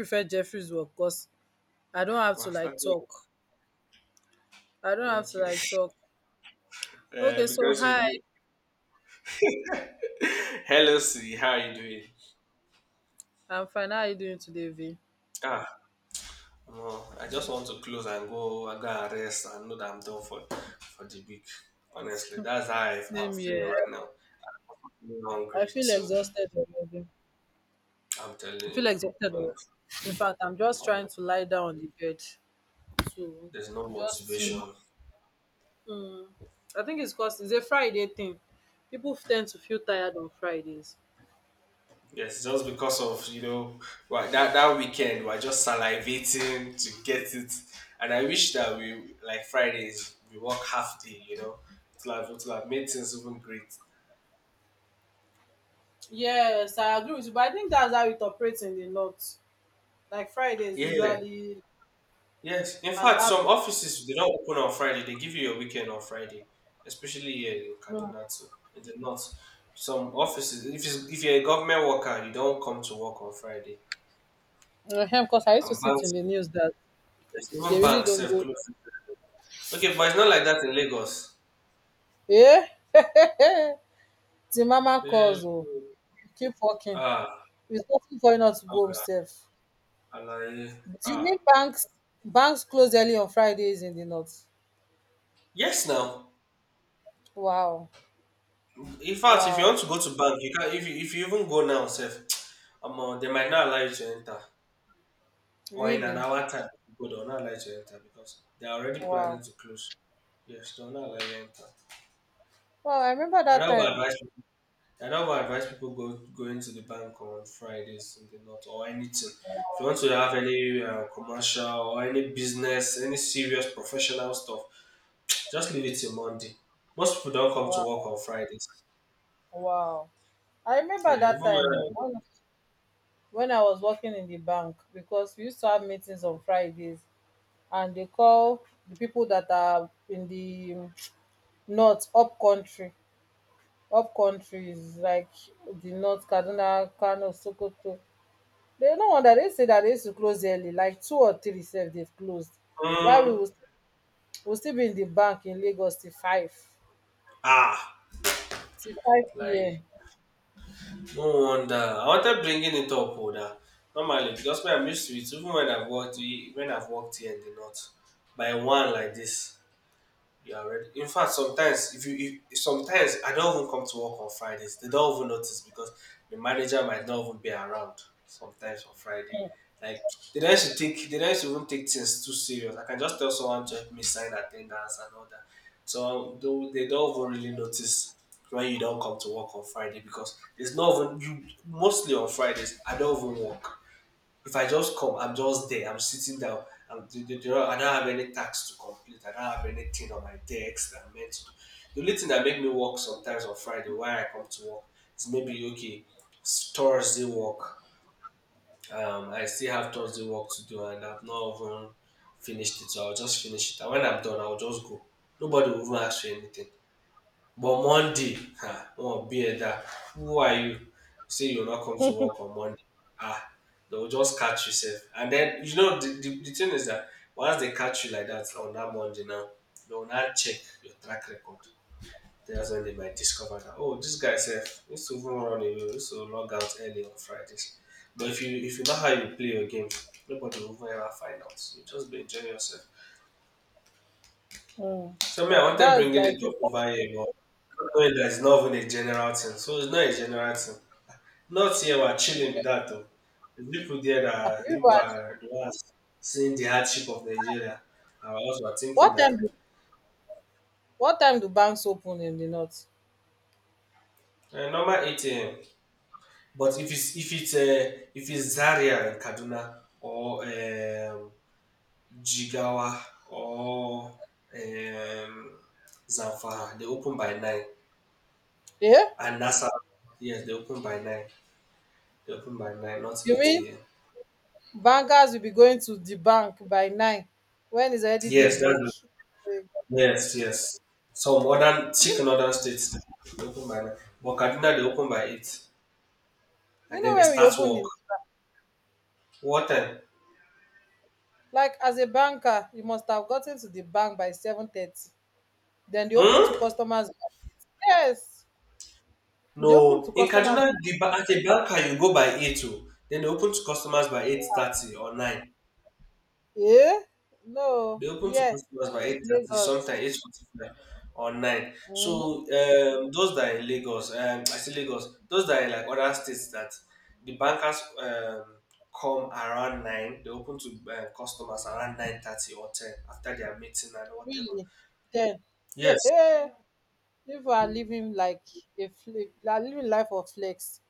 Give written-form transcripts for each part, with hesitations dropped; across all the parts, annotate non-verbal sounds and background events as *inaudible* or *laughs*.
Prefer Jeffrey's work because I don't have We're to like starting. talk. I don't have to Okay. like talk. Okay, so Because you hi, do. *laughs* Hello, Siri. How are you doing? I'm fine. How are you doing today, V? Ah, no. I just want to close and go. I gotta rest and know that I'm done for the week. Honestly, that's how I'm Same feeling here. right now. I'm I hungry feel too. exhausted already. I'm telling I feel you, exhausted already. honestly. In fact, I'm just trying Honest. to lie down on the bed to There's no just, motivation. mm, I think it's because it's a Friday thing. People tend to feel tired on Fridays. Yes, just because of wha- that weekend we're just salivating to get it, and I wish that we like Fridays we work half day, to have made things even great. Yes, I agree with you, but I think that's how it operates in the north. Like Friday is Yeah, usually yes. In an fact, app. some offices they don't open on Friday; they give you a weekend on Friday, especially here in Kaduna too. In the north, some offices if you're a government worker, you don't come to work on Friday, Because I used to and see it in banks, the news that they even really banks don't have go. closed. Okay, but it's not like that in Lagos. Eh? Eh. The mama Eh, calls. Oh, keep working. Ah, It's nothing for you not to go ah, himself. Alaye. Do you mean banks? Banks close early on Fridays in the north. Yes. Now, Wow. in fact, if you Wow. want to go to bank, you can. If you even go now, self, *tsk* they might not allow you to enter, or in an Really? hour time, if you go, they'll not allow you to enter because they are already Wow. planning to close. Yes, they'll not allow you enter. Wow. I remember I that don't even time. advise. People, I don't even advise people go going to the bank on Fridays in the north or anything. If you want to have any commercial or any business, any serious professional stuff, just leave it till Monday. Most people don't come Wow. to work on Fridays. Wow. I remember Yeah, even that when time oh, when, when I was working in the bank, because we used to have meetings on Fridays, and they call the people that are in the north, up country, up countries like the north, Kaduna, Kano, Sokoto. Dey no wonder they say that they used to close early, like two or three sef dey closed, while we mm, will we will still be in the bank in Lagos till ah, fivepm. like no wonder. I wanted bringing it up, oh, that normally because when I'm used to it, even when I've worked, we- when I've worked here in the north, by one like this. You are ready. In fact, sometimes if you if, sometimes I don't even come to work on Fridays. They don't even notice because the manager might not even be around sometimes on Friday. Like they don't should even take things too serious. I can just tell someone to help me sign attendance and all that. So though they don't even really notice when you don't come to work on Friday because there's not even you mostly on Fridays I don't even work. If I just come, I'm just there. I'm sitting down. I'm, I don't have any tasks to complete. I don't have anything on my desk that I'm meant to do. The only thing that make me work sometimes on Friday, why I come to work, is maybe okay, it's Thursday work. I still have Thursday work to do, and I've not even finished it. So I'll just finish it. And when I'm done, I'll just go. Nobody will even ask for anything. But Monday, oh, be it that. Who are you? Say you will not come to work on Monday. Ah, they will just catch yourself. And then you know the thing is that once they catch you like that on that Monday now, they will now check your track record. That's when they might discover that oh this guy sef used to even run away, used to log out early on Fridays. But if you know how you play your game, nobody will ever find out. So just be enjoying yourself. um So me, I wanted That is bringing it like its up not over here, but not knowing that it's not even a general thing. So it's not a general thing. Not here we're chilling music. with that though. The people there that Ah, you are- pipu people at are the ones seeing the hardship of Nigeria. I also are thinking what that time do what time do banks open in the north? Normal ATM. But if it's Zaria in Kaduna or Jigawa or um, Zamfara, they open by nine. Yeah, And Nassau, yes, they open by nine. Open by nine, not you eight mean a.m. bankers will be going to the bank by nine wen its already Yes, that's daybreak? Break. yes, yes. Some modern you thick know northern states they open by nine, but Kaduna they open by eight, you and know then they wen we start open work. in, What time? like as a banker you must have gotten to the bank by 7:30, then they open to Hmm? customers. Yes, they open No, to in customers, Kaduna the ba- at the banker you go by eight o, then they open to customers by 8:30 or nine. eh, no, They open to yeah. customers by 8:30, Lagos. sometimes 8:45 or nine. So mm, those that are in Lagos, I say Lagos, those that are in like other states that the bankers come around nine. They open to customers around 9:30 or ten after their meeting and whatever. Really then. Yes, *laughs* People are living like they are living life of flex.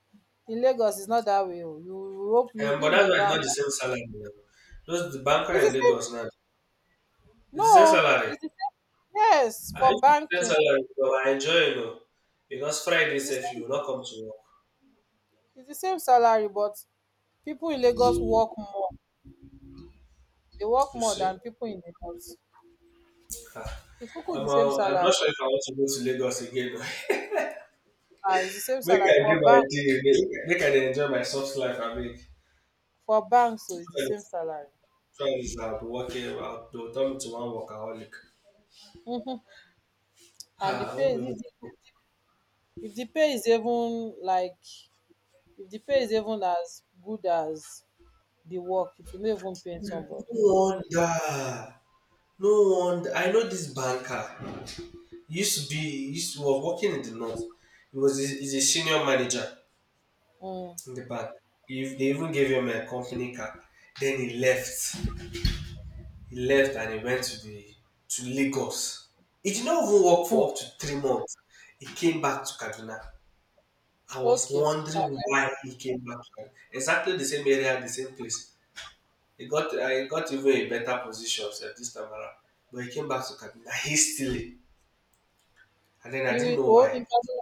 In Lagos it's not that way o. You hope you will be but in the that's why it's bank. not the same salary now. Those the banker It's the in same. Lagos now, it's the same No, salary. it's the same. Yes, I for if it's the same banking. salary, but I enjoy because Friday, it's the if you same will not come to work, it's the same salary, but people in Lagos work more. They work you more see. than people in the north. Ah. It's kuku the same I'm not salary. sure if I want to go to Lagos again. *laughs* Ah, it's the same Make salary I do for my day. Make I dey enjoy my soft life. I mean, banks, so it's the same salary. friends, I'll be working. They'll turn me to one workaholic. Mm-hmm. And the Ah, I pay won't be is able if to the, go. if the pay is even as good as the work, it will not even pay somebody. No wonder. No wonder. I know this banker. He used to was working in the north. He's a senior manager Mm. in the bank. If they even gave him a company card. Then he left. He left and he went to the to Lagos. He did not even work Hmm. for up to 3 months. He came back to Kaduna. I was Okay. Ah, wondering why he came back to Kaduna. Exactly the same area, the same place. He got I got even a better position at this time around. But he came back to Kaduna hastily. And then I you didn't will know oh in, why. Ka-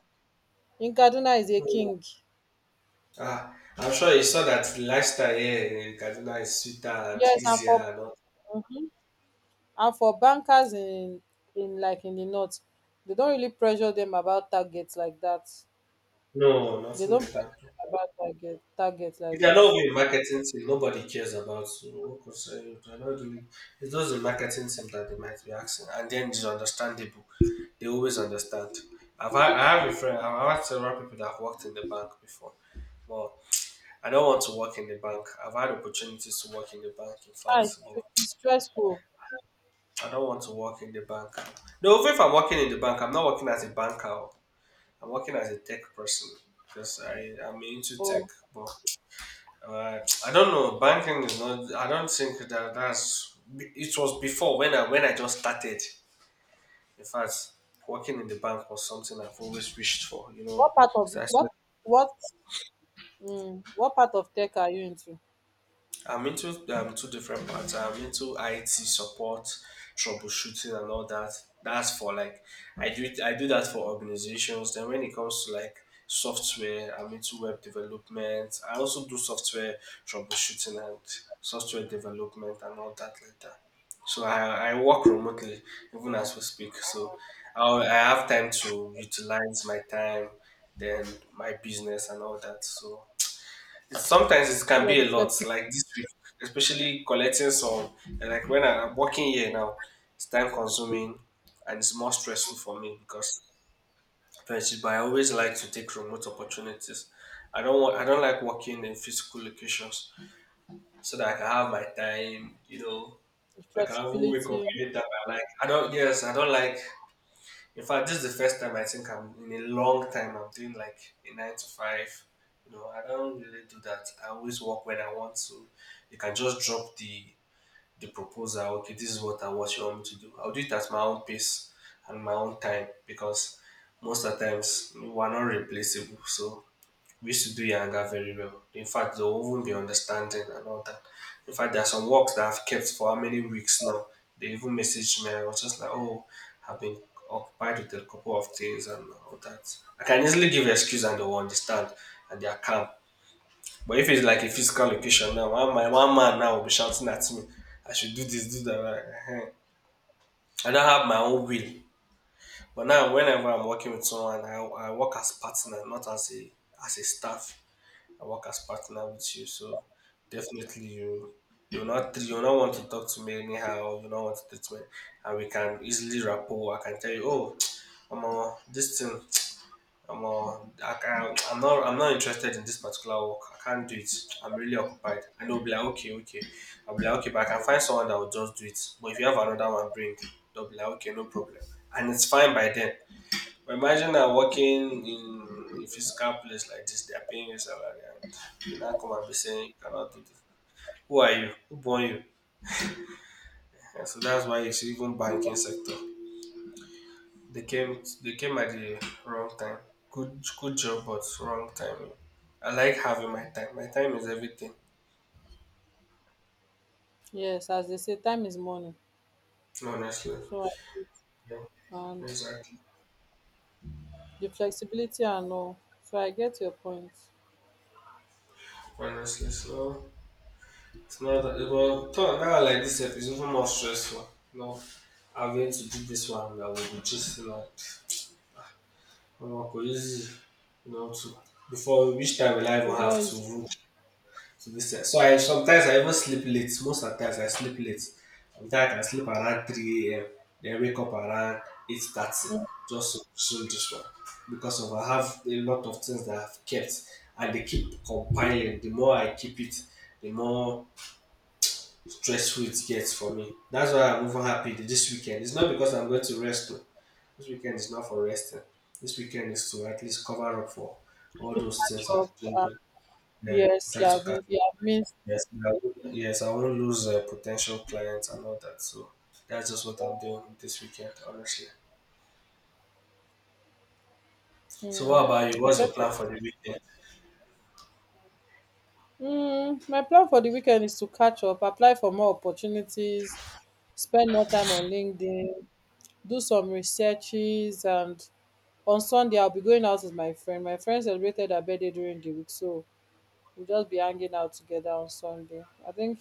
in Kaduna is a No. king. Ah, I'm sure he saw that the lifestyle here in Kaduna is sweeter and Yes, and easier for, and all. mhm, and for bankers in like in the north, they don't really pressure them about targets like that. No, They nothing don't like pressure that. them about target If like you're that. not with a marketing team, nobody cares about you. What concern you? They're not doing. It's just the marketing team that they might be asking, and then it's understandable. They always understand. I have a friend. I've had several people that have worked in the bank before. But I don't want to work in the bank. I've had opportunities to work in the bank. In Hi, fact, but it's stressful. I don't want to work in the bank. No, even if I'm working in the bank, I'm not working as a banker. I'm working as a tech person because I am into tech, Oh, but right. I don't know. Banking is not. I don't think that that's. It was before when I just started. In fact, working in the bank was something I've always wished for. You know, what part of so what what part of tech are you into? I'm into two different parts. I'm into IT support, troubleshooting, and all that. That's for like I do that for organizations. Then when it comes to like software, I'm into web development. I also do software troubleshooting and software development and all that like that. So I work remotely even as we speak. So I have time to utilize my time, then my business and all that. So it's, sometimes it can Yeah, be the a lot, like this week, especially collecting some. And like when I- I'm working here now, it's time consuming and it's more stressful for me because friendship. But I always like to take remote opportunities. I don't want. I don't like working in physical locations so that I can have my time. You know, I can even wake up flexibility. anytime I like. I don't. Yes, I don't like in fact, this is the first time I think I'm in a long time I'm doing like a nine to five. You know, I don't really do that. I always work when I want to. You can just drop the proposal. Okay, this is what I what you want me to do. I'll do it at my own pace and my own time because most of the times we're not replaceable. So we used to do Yanga very well. In fact, they will even be understanding and all that. In fact, there are some works that I've kept for how many weeks now. They even messaged me. I was just like, oh, I've been occupied with a couple of things and all that. I can easily give excuse and they will understand and they are calm. But if it's like a physical location now, one, my one man now will be shouting at me, I should do this, do that. Like, eh, eh. I don't have my own will. But now, whenever I'm working with someone, I work as partner, not as a as a staff. I work as partner with you, so definitely you not want to talk to me anyhow. You not want to treat me, and we can easily rapport. I can tell you, oh, *tsk* this thing. I'm not interested in this particular work. I can't do it. I'm really occupied. And they'll be like, okay, okay. I'll be like, okay, but I can find someone that will just do it. But if you have another one, bring. They'll be like, okay, no problem. And it's fine by then. But imagine I'm working in a physical place like this, they're paying you salary, and you now come and be saying you cannot do this. Who are you? Who born you? And so that's why you see even banking sector. They came at the wrong time. Good job but wrong timing. I like having my time. My time is everything. Yes, as they say, time is money. Honestly. So I get, Yeah, and exactly. the flexibility and all. So I get your point. Honestly. So it's not that well talk now like this sef is even more stressful. No having to do this one that we will just oh, because you know, to, before which time will I even It's not have to easy. room to this time? So I sometimes I even sleep late. Most of the times I sleep late. Sometimes I sleep around 3 a.m. Then wake up around 8:30 mm, just to resume this one because of I have a lot of things that I've kept and they keep compiling. The more I keep it, the more stressful it gets for me. That's why I'm even happy that this weekend. It's not because I'm going to rest though. This weekend is not for resting. This weekend is to at least cover up for all to those catch things I'm up. doing. To, Yes, you try to have catch. you have missed. Yes, I won't lose potential clients and all that. So that's just what I'm doing this weekend, honestly. So what Mm, about you? I What's your get you. plan for the weekend? Mm, my plan for the weekend is to catch up, apply for more opportunities, spend more time on LinkedIn, do some researches, and on Sunday I'll be going out with my friend. My friend celebrated her birthday during the week, so we'll just be hanging out together on Sunday. I think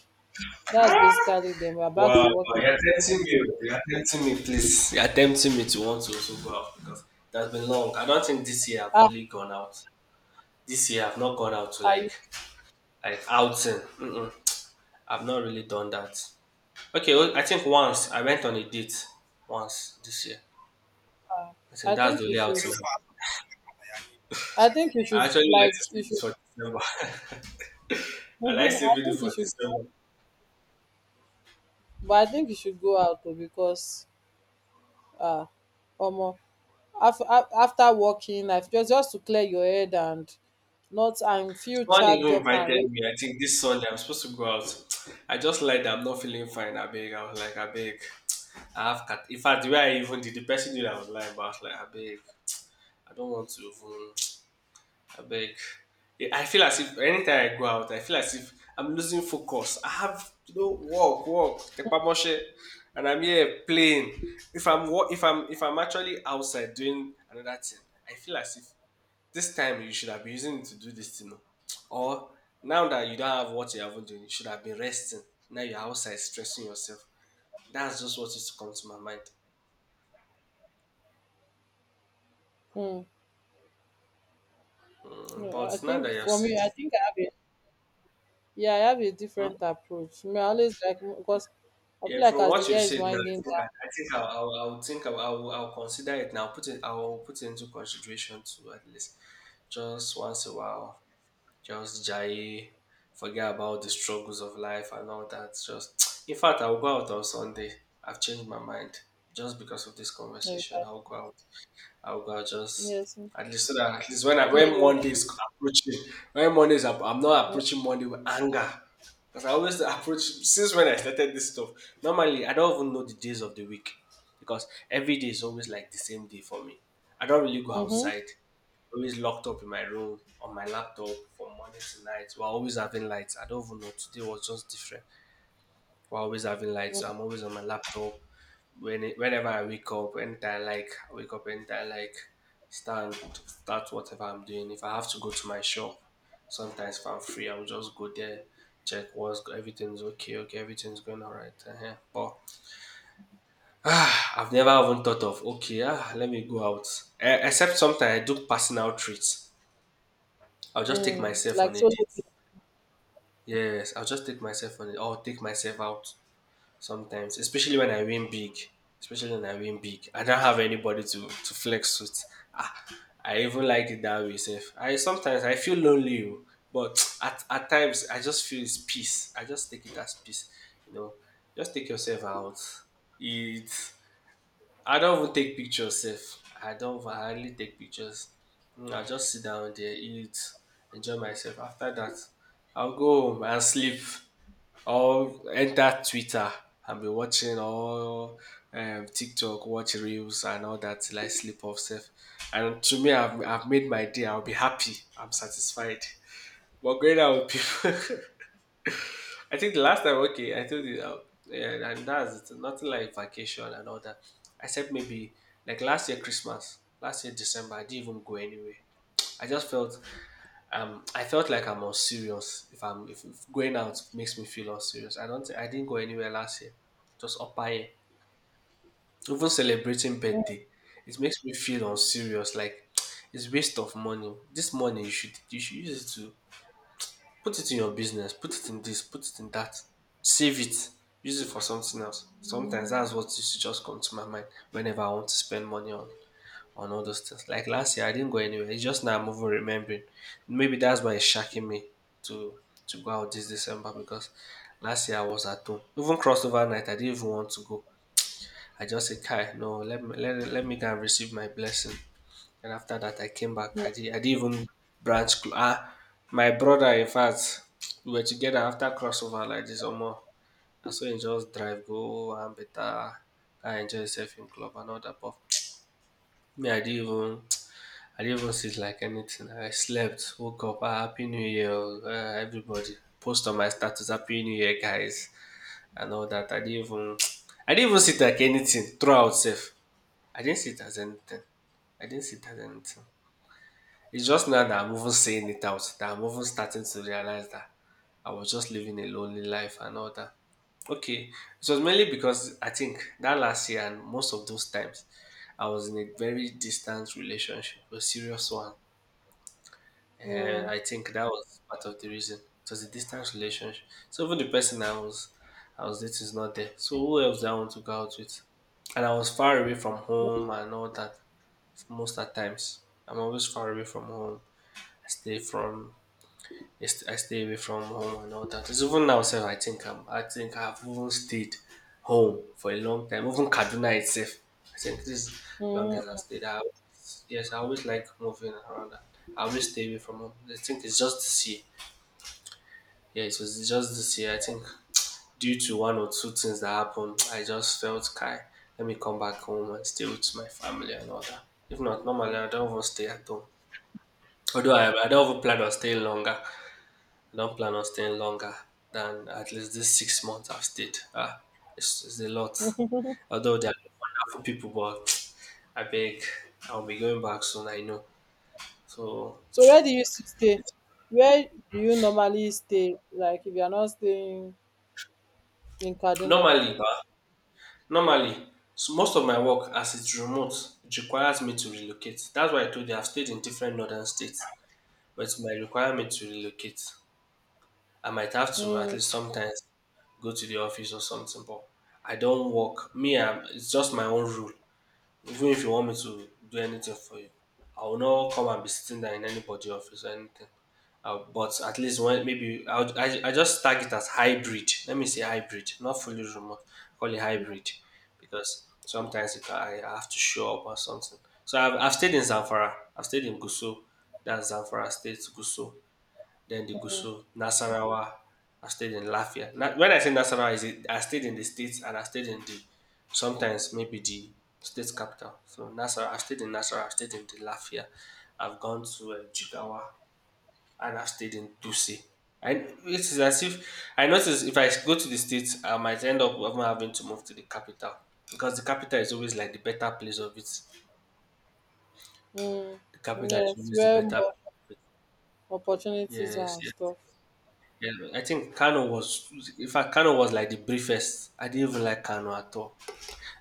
that's basically then we're Wow, back to wow, work you're tempting me. You're tempting me, please. You're tempting me to want to also go out because that's been long. I don't think this year I've Ah, really gone out. This year I've not gone out to I, like outing. Mm-mm. I've not really done that. Okay, well, I think once I went on a date once this year. I I think that's think the you only should. outing. I think you I should, actually like to like you save it should. for December. *laughs* *laughs* I like I saving it think you for should, December. but I think you should go out though because, ah, uh, after working life, just to clear your head and not, and feel Someone charged even up and invited ready. me. I think this Sunday I'm supposed to go out. I just lied that I'm not feeling fine. I beg. I was like, I beg. I have cat. In fact, the way I even did, the person knew that I was lying, but I was like, I beg. I don't want to even I beg. Yeah, I feel as if anytime I go out, I feel as if I'm losing focus. I have you know work, work, tekpamoshe, and I'm here playing. If I'm actually outside doing another thing, I feel as if this time you should have been using it to do this thing. Oh. Or now that you don't have what you haven't done, you should have been resting. Now you're outside stressing yourself. That's just what used to come to my mind. Mm. Mm, No, but I now think that you've for said me, I it, think I have a, yeah, I have a different approach. Me, I always like, because I feel yeah, like from as the what you year is said, man, winding I think I'll think I'll consider it now. I'll put it into consideration to at least just once a while. Just jai, forget about the struggles of life and all that. Just, *tsk* in fact, I'll go out on Sunday. I've changed my mind just because of this down, conversation. eh, I'll go out. I'll go just yes, mm, at least so that at least clear when your Monday is approaching, when Monday is up, I'm not head. approaching Monday with anger. Because I always approach since when I started this stuff. Normally I don't even know the days of the week because every day is always like the same day for me. I don't really go Mm-hmm. outside. Always locked up in my room on my laptop from morning to night. We're always having lights. I don't even know. Today was just different. We're always having lights. So I'm always on my laptop when whenever I wake up, anytime I like I wake up, anytime I like stand start whatever I'm doing. If I have to go to my shop, sometimes if I'm free, I'll just go there, check what's go- everything's okay, okay, everything's going alright. But ah, I've never even thought of okay, ah, let me go out. Eh, except sometimes I do personal treats. I'll just take Mm. myself Like on a so. date. Yes, I'll just take myself on it. I'll take myself out sometimes, especially when I win big. Especially when I win big. I don't have anybody to flex with. Ah, I even like it that way, safe. I sometimes I feel lonely, oh, but *tsk* at times I just feel it's peace. I just take it as peace. You know, just take yourself out. Eat I don't even take pictures sef. I don't even I hardly take pictures. Mm, I just sit down there, eat, enjoy myself. After that, I'll go home and sleep or enter Twitter and be watching all TikTok, watch reels and all that till I sleep off sef. And to me, I've made my day. I'll be happy. I'm satisfied. But going out with people, *laughs* I think the last time, okay, I told you, yeah, and that's it. Nothing like vacation and all that. I said maybe like last year Christmas, last year December, I didn't even go anywhere. I just felt I felt like I'm unserious. If I'm if going out makes me feel unserious. I don't, think- I didn't go anywhere last year. Just up here, even celebrating birthday, it makes me feel unserious. Like *tsk* it's waste of money. This money you should use it to put it in your business, put it in this, put it in that, save it, use it for something else. Sometimes that's what used to just come to my mind whenever I want to spend money on all those things. Like last year, I didn't go anywhere. It's just now I'm over remembering. Maybe that's why it's shocking me to to go out this December because last year I was at home. Even crossover night, I didn't even want to go. I just said, "Kai, no, let me go and receive my blessing." And after that, I came back. Mm, I didn't even branch. Cl- ah, my brother, in fact, we were together after crossover like this or more. And so he just drive, go and better. I enjoy yourself in club and all that. But me, I didn't even sit like anything. I slept, woke up, ah, happy new year, everybody. Post on my status, happy new year, guys, and all that. I didn't even, *tsk* I didn't even sit like anything throughout. Safe, I didn't sit as anything. I didn't sit as anything. It's just now that I'm even saying it out, that I'm even starting to realize that I was just living a lonely life and all that. Okay, it was mainly because I think that last year and most of those times, I was in a very distant relationship, a serious one. mm, And I think that was part of the reason. It was a distance relationship. So even the person I was dating is not there. So who else do I want to go out with? And I was far away from home and all that most of the times. I'm always far away from home. I stay from I stay away from home and all that. It's even now self, I think I've even stayed home for a long time. Even Kaduna itself. I think this is long as I mm. stayed out. Yes, I always like moving around. I always stay away from home. I think it's just this year. Yeah, it was just this year. I think *tsk* due to one or two things that happened, I just felt Kai, let me come back home and stay with my family and all that. If not, normally I don't even stay at home. I don't even plan on staying longer. I don't plan on staying longer than at least this 6 months I've stayed. Ah, it's a lot. Although they are wonderful people, but *tsk* I beg, I'll be going back soon, I know. So, So where do you stay? Where do you normally stay? Like if you are not staying in Kaduna. normally, bah, normally, so most of my work as it's remote, it requires me to relocate. That's why I told you I've stayed in different northern states, but it might require me to relocate. I might have to at Mm. least sometimes go to the office or something, but I don't work. Me, it's just my own rule. Even if you want me to do anything for you, I will not come and be sitting there in anybody's office or anything. But at least when maybe I just tag it as hybrid. Let me say hybrid, not fully remote. Call it hybrid because sometimes it, I have to show up or something. So I've stayed in Zamfara. I've stayed in Gusau. That's Zamfara State, Gusau, then the Gusau, Nasarawa. I stayed in Lafia. When I say Nasarawa, is it, I stayed in the states and I stayed in the sometimes maybe the state capital. So Nasarawa, I stayed in Nasarawa, I stayed in the Lafia. I've gone to Jigawa and I've stayed in Dusi. And it's as if I notice if I go to the states, I might end up even having to move to the capital because the capital is always like the better place of it. Mm, The capital is yes, always the where better. more opportunities are Yes, and yes. stuff. Yeah, I think Kano was, in fact, Kano was like the briefest. I didn't even like Kano at all.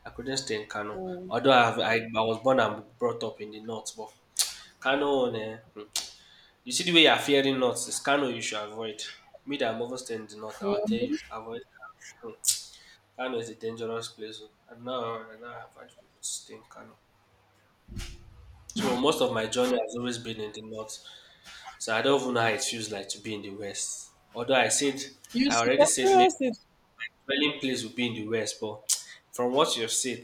I couldn't stay in Kano. Mm. Although I was born and brought up in the north, but Kano, eh, hmm. You see the way you're fearing north, it's Kano you should avoid. Me that I'm over staying in the north, I'll tell you, avoid Kano. Hmm. Kano is a dangerous place. Oh, I don't know, I don't advise people to stay in Kano. So most of my journey has always been in the north. So I don't even know how it feels like to be in the west. Although I said, You I should already said experience it. traveling place would be in the West, but from what you've said,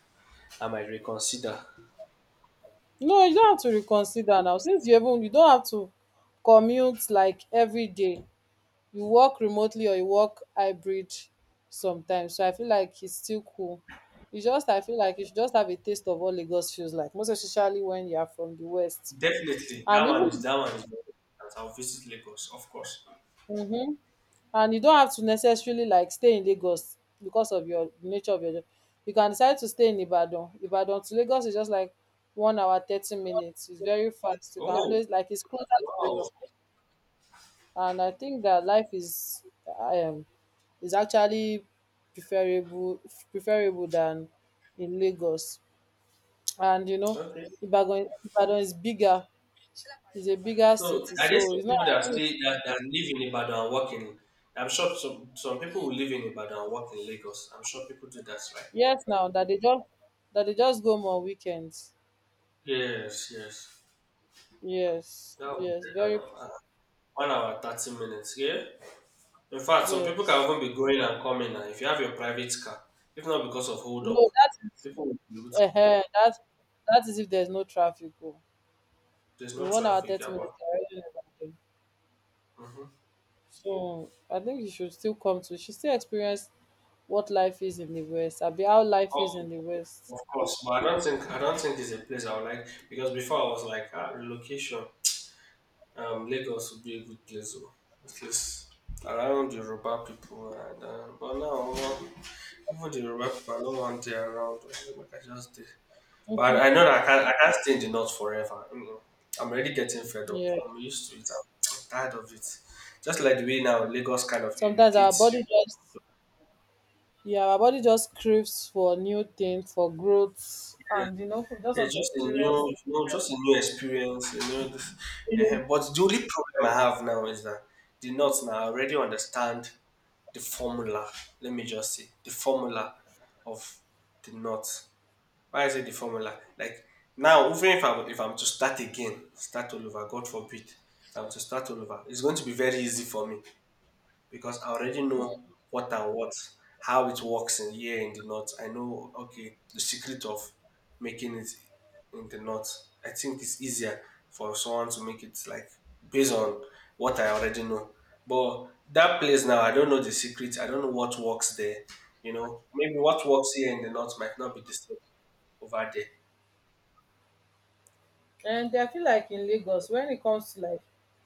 *sighs* I might reconsider. No, you don't have to reconsider now. Since you don't have to commute like every day. You work remotely or you work hybrid sometimes. So I feel like it's still cool. You just I feel like you should just have a taste of what Lagos feels like, most especially when you are from the West. Definitely, that And one even, is that one is. very important. I'll visit Lagos, of course. mhm, and you don't have to necessarily like stay in Lagos because of your nature of your job. You can decide to stay in Ibadan. Ibadan to Lagos is just like 1 hour 30 minutes. It's very fast. You can Oh, always, like it's closer to Lagos, wow. and I think that life is, um is actually preferable, than in Lagos. And you know, Okay. Ibadan is bigger. It's a bigger So city, are there so some it's not, people that like, stay that, that live in Ibadan and work in? I'm sure some people who live in Ibadan and work in Lagos. I'm sure people do that, right? yes, now that they just go more weekends. Yes, yes. Yes, That would yes, be better very, now. 1 hour 30 minutes. Yeah. In fact, some people can yes. even be going and coming now. If you have your private car, if not because of hold up, No, that is, people will be able to uh, do that. that that is if there's no traffic. Oh. There's In no 1 hour traffic, thirty yeah, minutes, but you're already in Ibadan. hmm So I think you should still come to. You should still experience what life is in the West. I'll be how life is oh, in the West. of course. But I don't think it's a place I would like because before I was like relocation. Lagos would be a good place, though, at least around the Yoruba people. And but now, even the Yoruba people, I don't want they around. Like I just did. But I know that I can't stay in the north forever. You know, I'm already getting fed up. Yeah. I'm used to it. I'm tired of it. Just like the way now Lagos kind of Sometimes our irritates you. body just, yeah, our body just craves for new things for growth, Yeah. and you know we just want It's to just a experience. new, just a new experience. But the only problem I have now is that the North now I already understand the formula. Let me just say the formula of the North. Why is it the formula? Like now, even if I'm to start again, start all over, God forbid, if I'm to start all over, it's going to be very easy for me because I already know what and what, how it works in here in the north. I know okay the secret of making it in the north. I think it's easier for someone to make it like based on what I already know. But that place now, I don't know the secret. I don't know what works there. Maybe what works here in the north might not be the same over there. And I feel like in Lagos, when it comes to like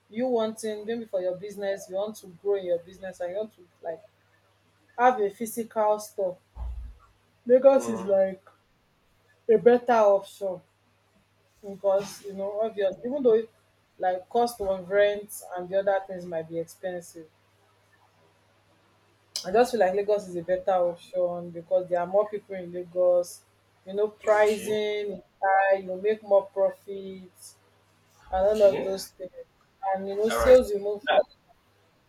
you wanting maybe for your business, you want to grow in your business and you want to like have a physical store, Lagos is Mm, like a better option because, you know, obvious even though, like, cost of rent and the other things might be expensive. I just feel like Lagos is a better option because there are more people in Lagos. You know, okay, pricing is high, you make more profit and all of okay, those things. And you know, all right. sales will move Now, fast.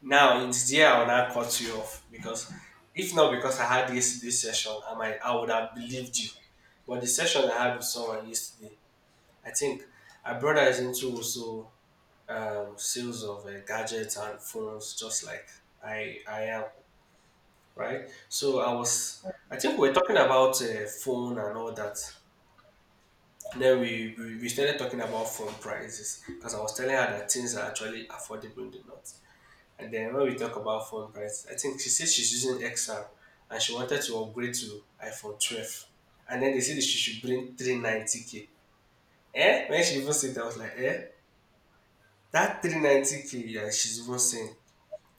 now, it's there I will not cut you off because if not because I had this session, I would have believed you. But the session I had with someone yesterday, I think our brother is into also sales of gadgets and phones, just like I am, right? So I think we are talking about phone and all that. Then we started talking about phone prices because I was telling her that things are actually affordable in the north. And then when we talk about phone prices, I think she said she's using XR and she wanted to upgrade to iPhone 12. And then they said that she should bring 390K. Eh? When she even said that, I was like, eh? That 390K, yeah, she's even saying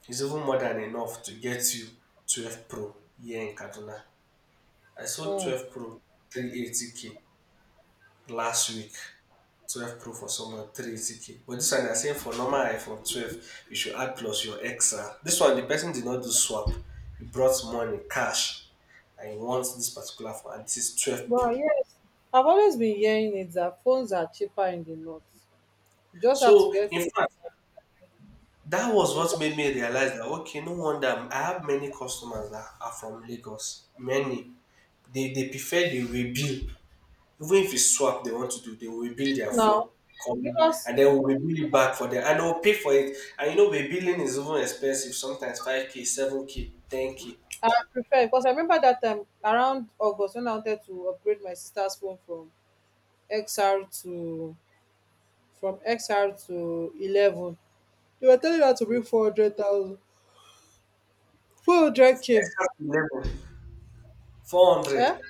is even more than enough to get you 12 Pro here in Kaduna. I sold Mm. 12 Pro 380K last week. 12 Pro for someone, 380K. But this one, I are saying for normal iPhone 12, you should add plus your extra. This one, the person did not do swap. He brought money, cash, and he wants this particular phone, and this is 12 Well Pro. yes, I've always been hearing it that phones are cheaper in the north. You just have to So, get in fact, that was what a- made me realize that, okay, no wonder I have many customers that are from Lagos. Many. They prefer the rebuild. Even if it's swap they want to do, they will rebuild their now, phone, copy, because and then we'll rebuild it back for them, and they'll pay for it. And rebuilding is even expensive. Sometimes 5K, 7K, 10K, I prefer, because I remember that time around August when I wanted to upgrade my sister's phone from XR to from XR to 11. They were telling her to bring 400,000, 400K. extra to 11, four Eh? hundred.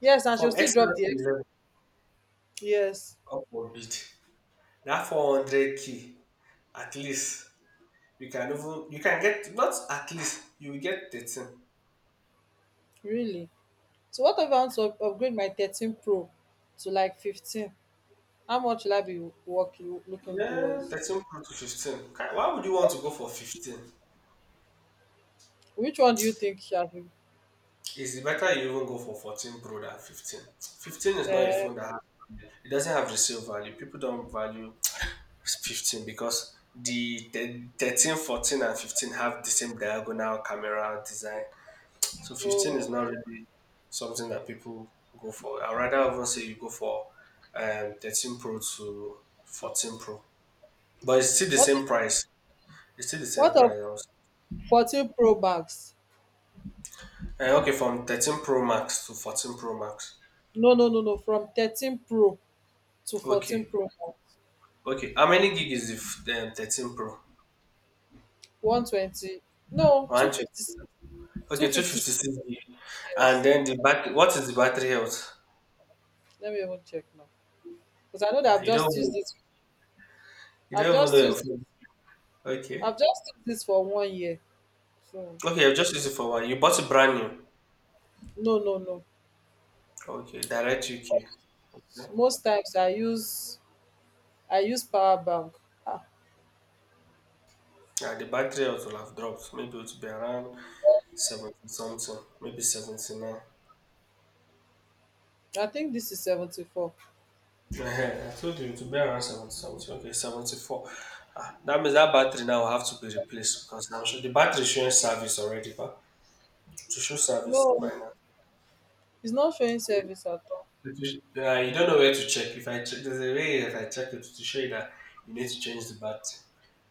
Yes, and she'll From still extra drop the to X. 11, Yes, up for bid. That 400 k, at least you can even you can get, not at least you will get 13. really. So what if I want to upgrade my 13 Pro to like 15? How much will I be working, looking Yeah, towards? 13 pro to 15. Why would you want to go for 15? Which one do you think shall be? It's better you even go for 14 Pro than 15. 15 is not a Uh, phone that has, it doesn't have resale value. People don't value 15 because the 13, 14, and 15 have the same diagonal camera design. So 15 is oh, not really something that people go for. I'd rather even say you go for 13 Pro to 14 Pro. But it's still the what same price. It's still the same of price. I was- 14 Pro Max? Okay, from 13 Pro Max to 14 Pro Max. No, no, no, no. From 13 Pro to 14 Okay. Pro Max, Okay, how many gig is the the 13 Pro? 120. No, 120. 250. Two Okay, two fifty. fifty six gig. And Yes. then the back. What is the battery health? Let me even check now, because I know that Ah, I've you don't. just used even- this. You I've don't even know just your used. phone. Okay. I've just used this for 1 year. So Okay, I've just used it for one. You bought it brand new. no, no, no. Okay, direct UK. Okay. Most times I use power bank. Ah, Yeah, the battery health will have dropped. Maybe it will be around 70 something. Maybe 79. I think this is 74. Eh, *laughs* I told you to be around 70 something. Okay, 74. Ah, that means that battery now will have to be replaced because I the battery is showing service already. To show service No, right now. it's not showing You, service at all. you don't know where to check. If I check, there's a way if I check it to show you that you need to change the battery.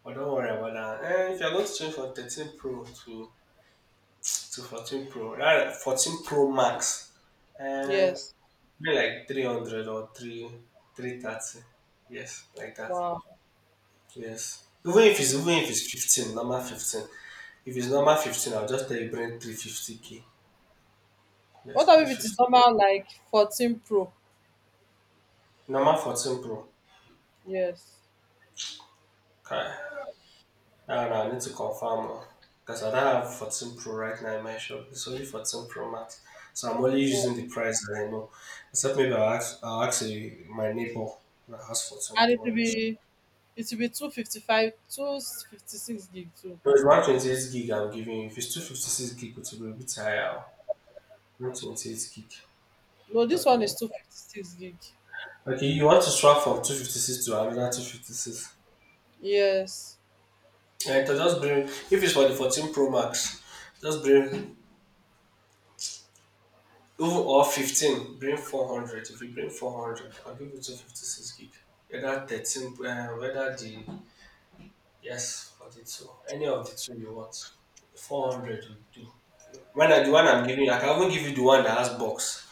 But don't worry about that. Eh, if you're going to change from 13 Pro to 14 Pro, rather 14 Pro Max, eh, Yes. be like 300 or 330. Yes, like that. Wow. Yes. Even if it's Um, even if it's 15, normal 15. If it's normal 15, I'll just tell you bring 350K. what Yes, about if it is 350. normal like 14 Pro? Normal 14 Pro. Yes. Okay. No, no, I need to confirm because I don't have 14 Pro right now in my shop. It's only 14 Pro Max. So I'm only Oh. using the price that I know. Except maybe my neighbor that has 14 And it Pro will in his shop. be it will be 255 256 gig too. No, it's 128 gig I'm giving you. If it's 256 gig, it will be a bit higher. 128 gig. No, this Talking one is about. 256 gig. Okay, you want to swap from 256 to another 256. Yes. And to just bring, if it's for the 14 Pro Max, just bring even or 15, bring 400. If you bring 400, I'll give you 256 gig. Whether 13, whether the, yes, 42, any of the two you want. 400 will do. The one I'm giving you, I can even give you the one that has box.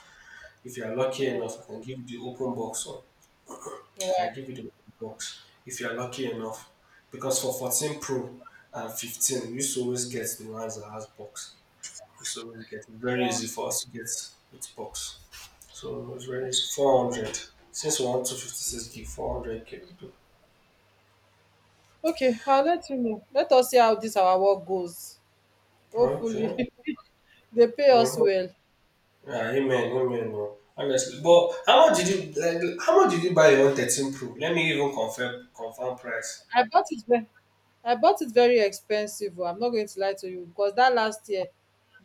If you are lucky Mm, enough, I can give you the open box one. *clears throat* I wow. can give you the open box if you are lucky enough. Because for 14 Pro and 15, we used to always get the ones that has box. We used to always get It's very easy for us to get with box. So it was raised 400. Since we want 256 gig, 400 gig. Okay, I'll let you know. Let us see how this our work goes. 400 K. Hopefully Okay. *laughs* they pay us Mm-hmm. well. Yeah, amen, amen, bro. Honestly, but how much did you like? How much did you buy your 113 Pro? Let me even confirm price. I bought it I bought it very expensive oh, I'm not going to lie to you, because that last year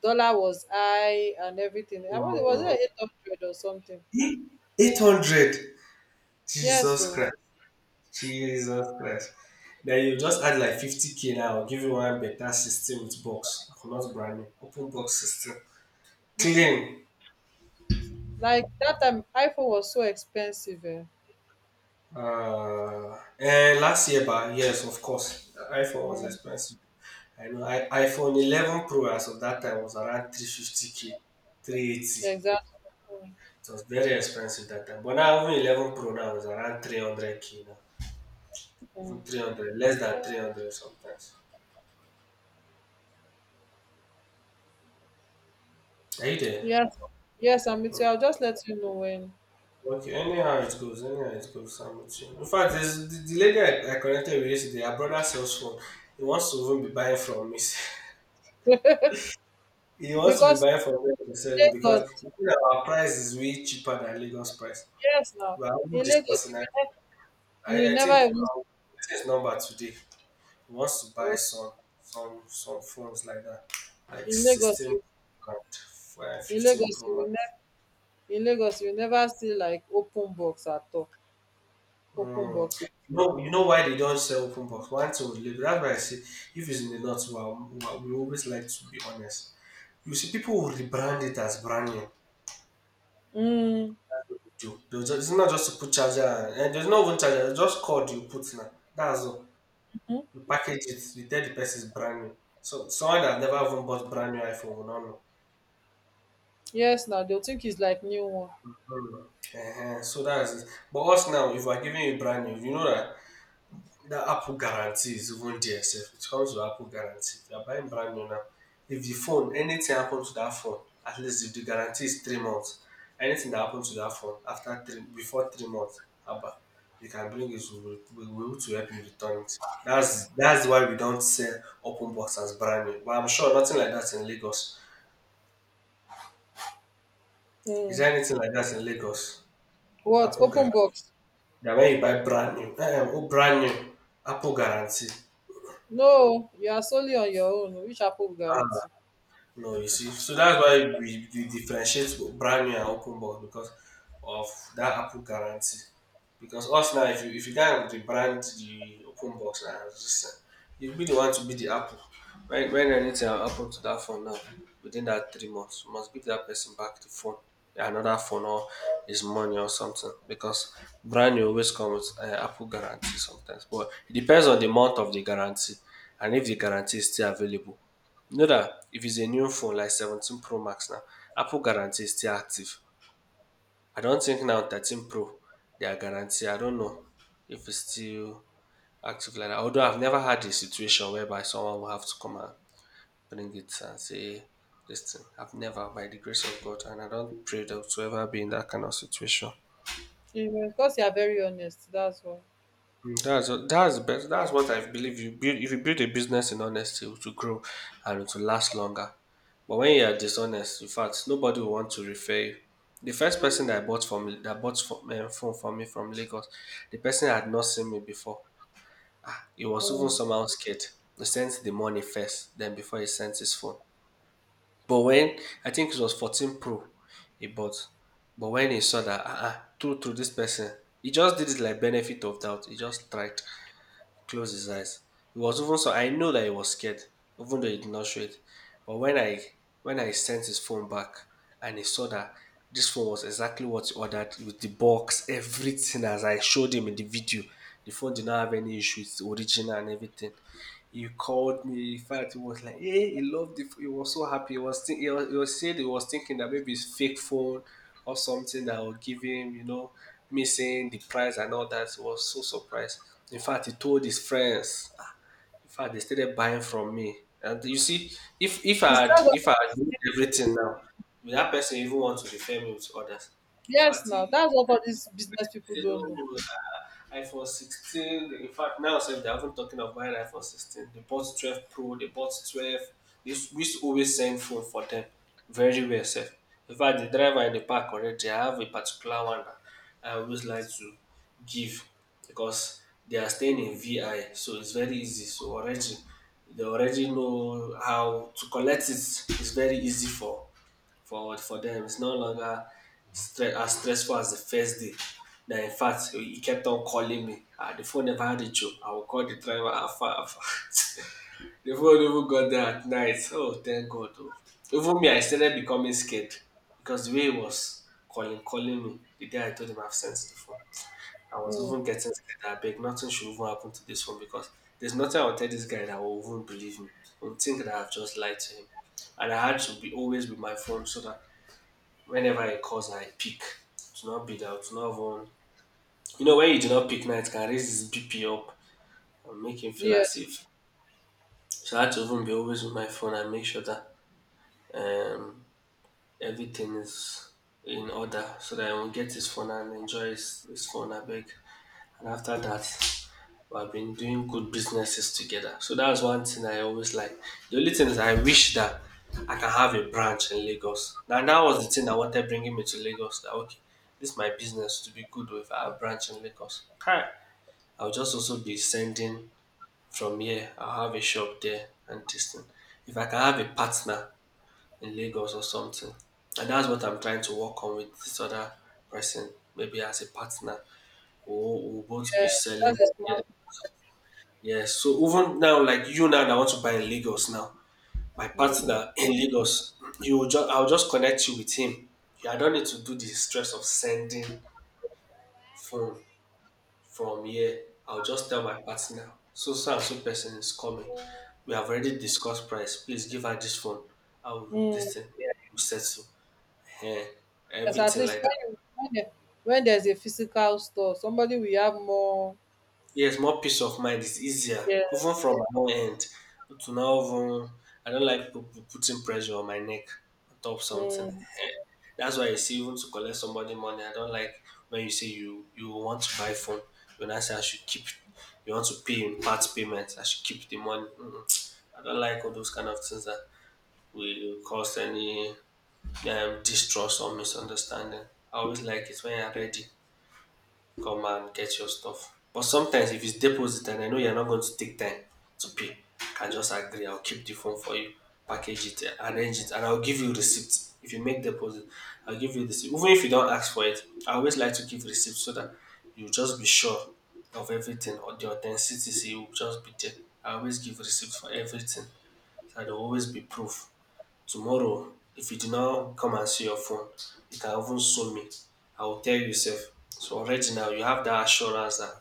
dollar was high and everything. I was Mm. it 800 or something. 800. Yes, Jesus so Christ. Jesus Christ. Then you just add like 50K now. I'll give you one better system with box. Not brand new. Open box system. you see, Clean. like that time iPhone was so expensive. Eh. Last year, but yes, of course, the iPhone was Mm, expensive. I know iPhone 11 Pro as of that time was around 350k, 380. It exactly. Mm, was very expensive that time. But now even 11 Pro now is around 300k now, mm. even 300, less than 300 sometimes. Are you there? Yes, yes, I'm with you. Oh, I'll just let you know when. Okay, anyhow it goes, anyhow it goes. I'm with you. In fact, the lady I connected with yesterday, her brother sells phone. He wants to even be buying from me. *laughs* He wants to be Because buying from where we're selling in because Lagos, you see that our price is way cheaper than Lagos price. yes, now We are not in Lagos discussing it. You will I never think even, this number today he wants to buy oh, some phones like that, like in Lagos 16 you Pro and in 15 Lagos Pro you will Max. never in Lagos you will never see like open box at all. Open Mm. box. You know why they don't sell open box. One thing with Lagos, that's why I say if it's in the north, we always like to be honest. You see, people will rebrand it as brand new. Hmm. Do. They'll just, it's not just to put charger and there's no even charger, it's just cord you put now. That's all. You package it, you tell the person it's brand new. So someone that never even bought brand new iPhone will not know. Yes, now they'll think it's like new one. Mm. So that's it. But us now, if we're giving you brand new, you know that the Apple guarantee is even there sef. It comes with Apple guarantee. If you are buying brand new now, if the phone anything happen to that phone, at least if the guarantee is 3 months, anything that happen to that phone after three before 3 months haba you can bring it, we will be able to help you return it. That's why we don't sell open box as brand new, but I'm sure nothing like that in Lagos. Is um there anything like that in Lagos? What? Apple Open guaran box? na when you buy brand new eh, brand new Apple guarantee. No, you are solely on your own. Which Apple will Ah, guarantee? no, you see, so that's why we differentiate with brand new and open box because of that Apple guarantee. Because us now, if you can't the brand the open box and listen, you'll be the one to be the Apple. When anything happen to that phone now, within that 3 months, you must give that person back the phone, another phone or his money or something. Because brand new always comes with Apple guarantee sometimes, but it depends on the month of the guarantee and if the guarantee is still available. You know dat if it's a new phone like 17 pro max now, apple guarantee is still active. I don't think now 13 pro their guarantee I don't know if it's still active like that. Although I've never had a situation whereby someone will have to come and bring it and say this thing. I've never by the grace of God, and I don't pray dat to ever be in that kind of situation. Even because you are very honest, that's why. That's best. That's what I believe. You build if you build a business in honesty, it will grow and it will last longer. But when you are dishonest, in fact, nobody will want to refer you. The first person that I bought from that bought from, phone for me from Lagos, the person had not seen me before. Ah, he was even um somehow scared. He sent the money first, then before he sent his phone. But when I think it was 14 Pro, he bought. But when he saw that, ah, uh-uh, through this person, he just did it like benefit of doubt. He just tried close his eyes. He was even so I know that he was scared, even though he did not show it. But when I sent his phone back and he saw that this phone was exactly what he ordered with the box, everything as I showed him in the video. The phone did not have any issues, original and everything. He called me. In fact, he was like, "Hey," he loved it. He was so happy. He was, he was, he was said he was thinking that maybe it's fake phone or something that will give him, you know, missing the price and all that. He was so surprised. In fact, he told his friends. In fact, they started buying from me. And you see, if if I had Instead if of, I had known everything now, would that person even want to refer me with others? In yes fact, now, he, that's what all these business people they don't don't know. know iPhone 16. In fact, now since they haven't talking of buying iPhone 16. They bought 12 Pro, they bought 12. This we used to always send phone for them. Very well safe. In fact, the driver in the park already have a particular one that I always like to give because they are staying in VI, so it's very easy. So already they already know how to collect it. It's very easy for forward for them. It's no longer as stressful as the first day. Now, in fact, he kept on calling me. Ah, the phone never had a joke. I will call the driver. Afar, afar. *laughs* the phone even got there at night. Oh, thank God. Oh. Even me, I started becoming scared because the way he was calling me, the day I told him I've sent the phone, I was um even getting scared. I beg, nothing should even happen to this phone because there's nothing I'll tell this guy that will even believe me. He'll think that I've just lied to him. And I had to be always with my phone so that whenever I comes I pick. To not be that, to not have even you know, when you do not pick now, it can raise his BP up and make him feel as Yes, if. So I had to even be always with my phone and make sure that um, everything is in order so that I will get his phone and enjoy his phone, I beg. And after that, we have been doing good businesses together. So that's one thing I always like. The only thing is I wish that I can have a branch in Lagos. Now that was the thing that wanted bringing me to Lagos. That okay, this is my business to be good with our branch in Lagos. Hi, I'll just also be sending from here. I'll have a shop there and this thing. If I can have a partner in Lagos or something, and that's what I'm trying to work on with this other person. Maybe as a partner, we'll both be yes, selling. that's a Together. smart. Yes. So even now, like you now that want to buy in Lagos now, my um partner in Lagos, you will just I'll just connect you with him. Yeah, I don't need to do the stress of sending phone from here. I'll just tell my partner, so so and so person is coming. We have already discussed price. Please give her this phone. I will um this thing. Yeah, you settle. Yeah, Yes, at everything least like that. when there's a physical store, somebody will have more. Yes, more peace of mind is easier, Yeah. even from my own end. To now, even I don't like people putting pressure on my neck on top of something. um Eh, that's why you see, even to collect somebody money, I don't like when you say you want to buy phone. When I say I should keep, you want to pay in part payments. I should keep the money. Mm-mm. I don't like all those kind of things that will cause any distrust or misunderstanding. I always like it when you're ready. Come and get your stuff. But sometimes if it's deposit and I know you're not going to take time to pay, I can just agree, I'll keep the phone for you, package it, arrange it, and I'll give you receipt. If you make deposit, I'll give you receipt. Even if you don't ask for it, I always like to give receipt so that you just be sure of everything or the authenticity will just be there. I always give receipt for everything. So there'll always be proof. Tomorrow, if you did not come and see your phone, you can even sue me. I will tell you sef. So already now you have that assurance that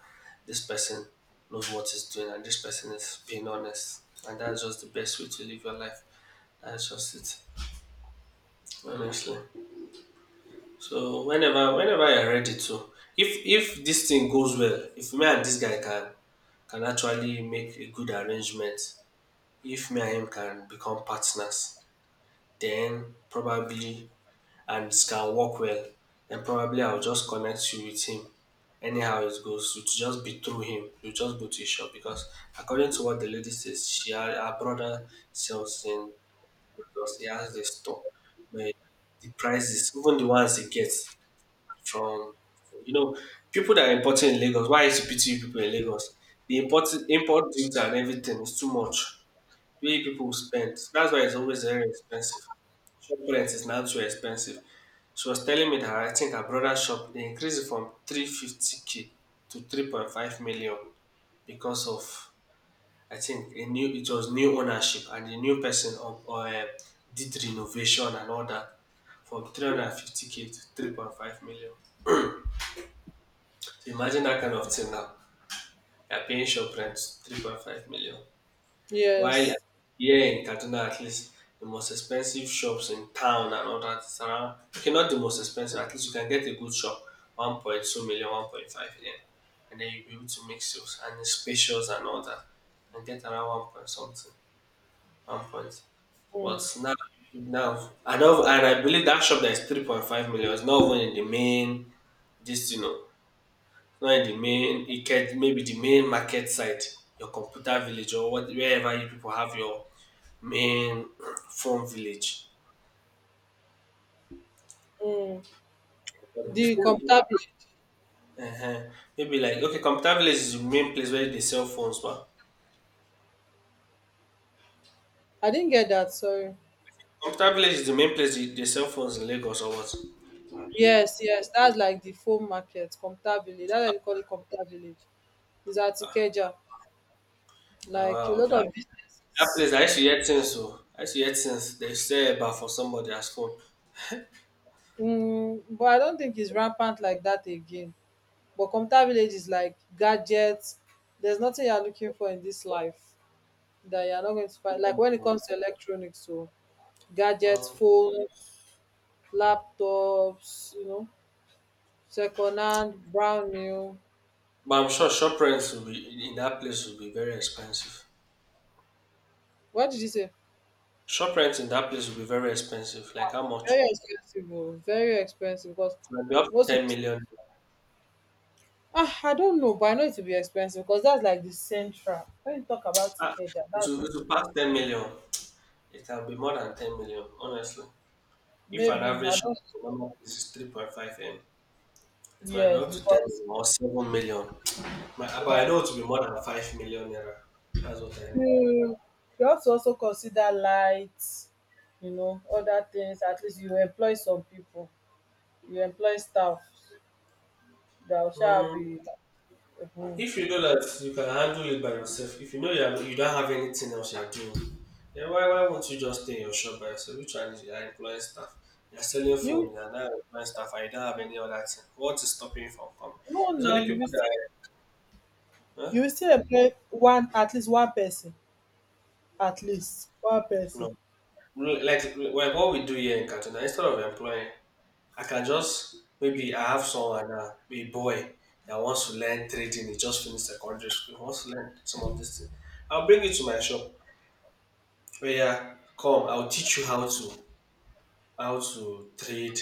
this person knows what he's doing and this person is being honest, and that's just the best way to live your life. That's just it honestly. So whenever you're ready to if this thing goes well, if me and this guy can actually make a good arrangement, if me and him can become partners then probably and it can work well, then probably I'll just connect you with him. Anyhow it goes, it will just be through him. You just go to his shop because according to what the lady says, her brother sells in because he has the store. But the prices, even the ones he gets from you know, people that are importing in Lagos, why is it pity you people in Lagos? The import duty and everything is too much. The way people spend. That's why it's always very expensive. Shop rent is now too expensive. She was telling me that I think her brother's shop they increased it from 350k to 3.5 million because of I think a new it was new ownership, and the new person of did renovation and all that, from 350k to 3.5 million. So imagine that kind of thing now. You're paying shop rent 3.5 million. While Yes. here in Kaduna, at least the most expensive shops in town and all that is around, okay, not the most expensive, at least you can get a good shop, 1.2 million, 1.5 million, and then you'll be able to make sales and it's spacious and all that. And get around one point something, one point. But um now and I believe that shop that is 3.5 million is not even in the main, just not in the main, it can maybe the main market site, your computer village or what, wherever you people have your main *clears throat* phone village. um But the The thing is, computer, uh-huh. Maybe like okay, computer village is the main place where they sell phones, but I didn't get that, sorry. computer village is the main place they sell phones in Lagos or what? Yes, yes, that's like the foam market, Comta Village. That's why they call it Comta Village. It's at Ikeja. Like a Wow, lot that, of that businesses. place, I actually heard things. Oh, I actually heard things they say about for somebody as phone. But I don't think it's rampant like that again. But Comta Village is like gadgets. There's nothing you're looking for in this life that you're not going to find. Like when it comes to electronics, so gadgets, Mm. phones, laptops, second hand, brand new. But I'm sure shop rents will be, in that place will be very expensive. What did you say? Shop rent in that place will be very expensive. Like how much? Very It expensive, oh, very expensive because might be up to most people 10 million. I don't know, but I know it will be expensive because that's like the central. When you talk about Ah, Ikeja, it that's will, it will pass 10 million. It can be more than 10 million, honestly. If an maybe I average shop don't in a normal place is 3.5 M, it might be yes, up to 10 because million or 7 million. My, but I know it will be more than 5 million naira. That's what I know. you you have to also consider lights, you know, other things. At least you employ some people, you employ staff that shall Hmm. be um If you know that you can handle it by yourself, if you know you don't have anything else you're doing, then why won't you just stay in your shop by yourself? Which one is you are employing staff? You're selling you phone, you're not employing staff, and you don't have any other thing. What is stopping you from coming? no It's na only people that, huh? you will still employ one at least one person at least one person. No. No, like what we do here in Katuna, instead of employing, I can just, maybe I have someone, a boy that wants to learn trading, he just finished secondary school, he wants to learn some of this thing. I'll bring it to my shop. Oh yeah, come, I'll teach you how to trade,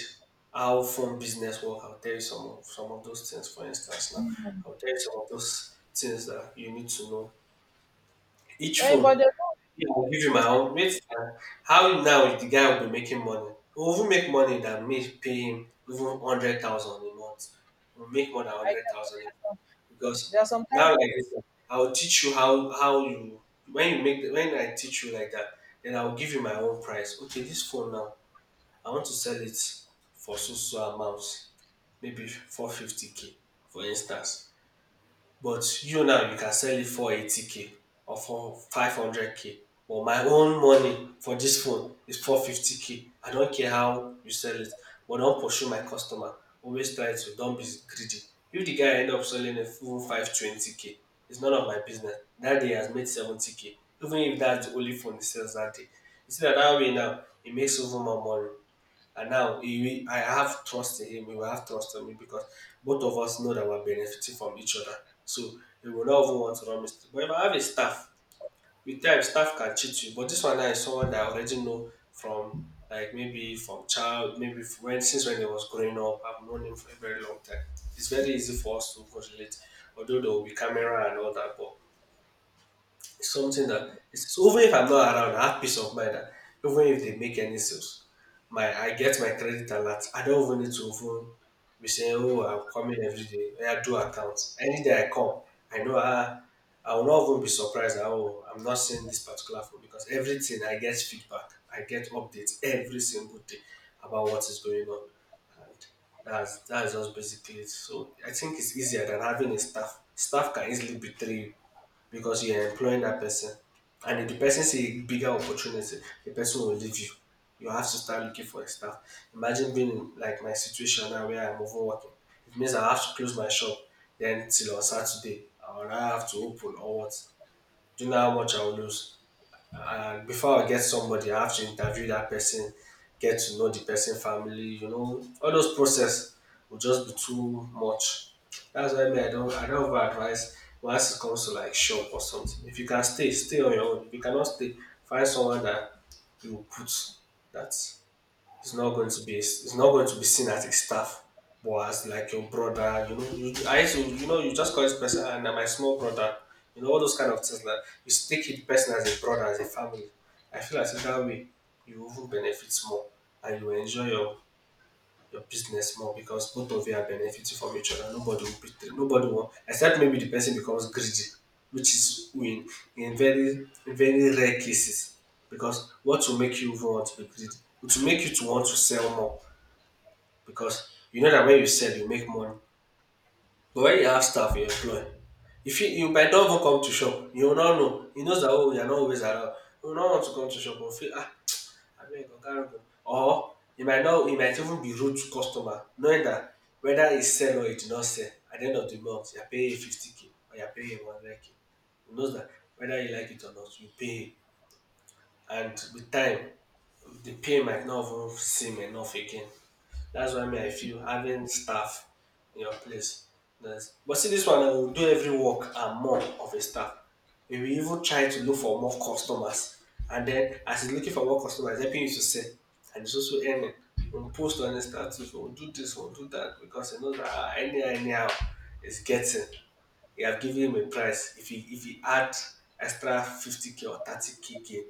how phone business work. I'll tell you some of those things. For instance, now I'll tell you some of those things that you need to know. Each Eh but phone, dem no yeah, I'll give you my Yusuf, own. Mate, how now the guy will be making money? We'll even make money that me pay him even 100,000 a month. We'll make more than I 100,000 just- because there are some now time like this, I'll teach you how you, when I teach you like that, then I'll give you my own price. Okay, this phone now I want to sell it for so so amount, maybe 450 k, for instance. But you can sell it for 80 k or for 500 k, but my own money for this phone is 450 k. I don't care how you sell it but don't pursue my customer, always try to, don't be greedy. If the guy end up selling a even 520 k, it's none of my business. That day he has made 70 k, even if that's the only phone he sells that day. You see na dat way now he makes over more money. And now I have trust in him. He will have trust in me because both of us know that we're benefiting from each other. So he will not even want to run mistake. But if I have a staff, with time staff can cheat you. But this one now is someone that I already know from, like, maybe from child, maybe f- when since when he was growing up. I've known him for a very long time. It's very easy for us to correlate, although there will be camera and all that. But it's something that, it's so, even if I'm not around, I have peace of mind that even if they make any sales, my I get my credit alert. I don't even need to even be saying, "Oh, I'm coming every day." I do accounts. Any day I come, I know I will not even be surprised that, oh, I'm not seeing this particular phone, because everything, I get feedback, I get updates every single day about what is going on. And that's just basically it. So I think it's easier than having a staff. Staff can easily betray you because you're employing that person. And if the person see a bigger opportunity, the person will leave you. You have to start looking for staff. Imagine being in, like, my situation now where I'm overworking. It means I have to close my shop then till on Saturday. I will now have to open or what. Do you know how much I will lose? And before I get somebody, I have to interview that person, get to know the person, family, you know, all those process, will just be too much. That's why me, I don't over advise once it comes to like shop or something. If you can stay, stay on your own. If you cannot stay, find someone that you will put that. It's not going to be seen as a staff, but as like your brother. You know, I used to, you just call this person and my small brother. You know all those kind of things, like, you take it person as a brother, as a family. I feel as if that way you even benefit more and you enjoy your business more because both of you are benefiting from each other. Nobody will betray. Nobody will, except maybe the person becomes greedy, which is in very rare cases. Because what will make you even want to be greedy? It will make you to want to sell more because you know that when you sell you make money. But when you have staff you employ, if you might not even come to shop, you will not know. He knows that, oh, you are not always around. You will not want to come to shop or feel, ah, abeg oga Rogon, or you might not you might even be rude to customer knowing dat whether e sell or e did not sell at de end of de month, you are paying him 50 k or you are paying him 100 k. You know dat whether you like it or not, you pay him. And with time the pay might not even seem enough again. That's why me, I feel having staff in your place, that's, but see, this one I will do every work and more of a staff. We will even try to look for more customers. And then as he's looking for more customers, helping you to sell, and it's also earning. We'll post on the too, we'll do this, we'll do that, because you know that, ah, anyhow, anyhow it's getting. You have given him a price. If he add extra 50k or 30k gain,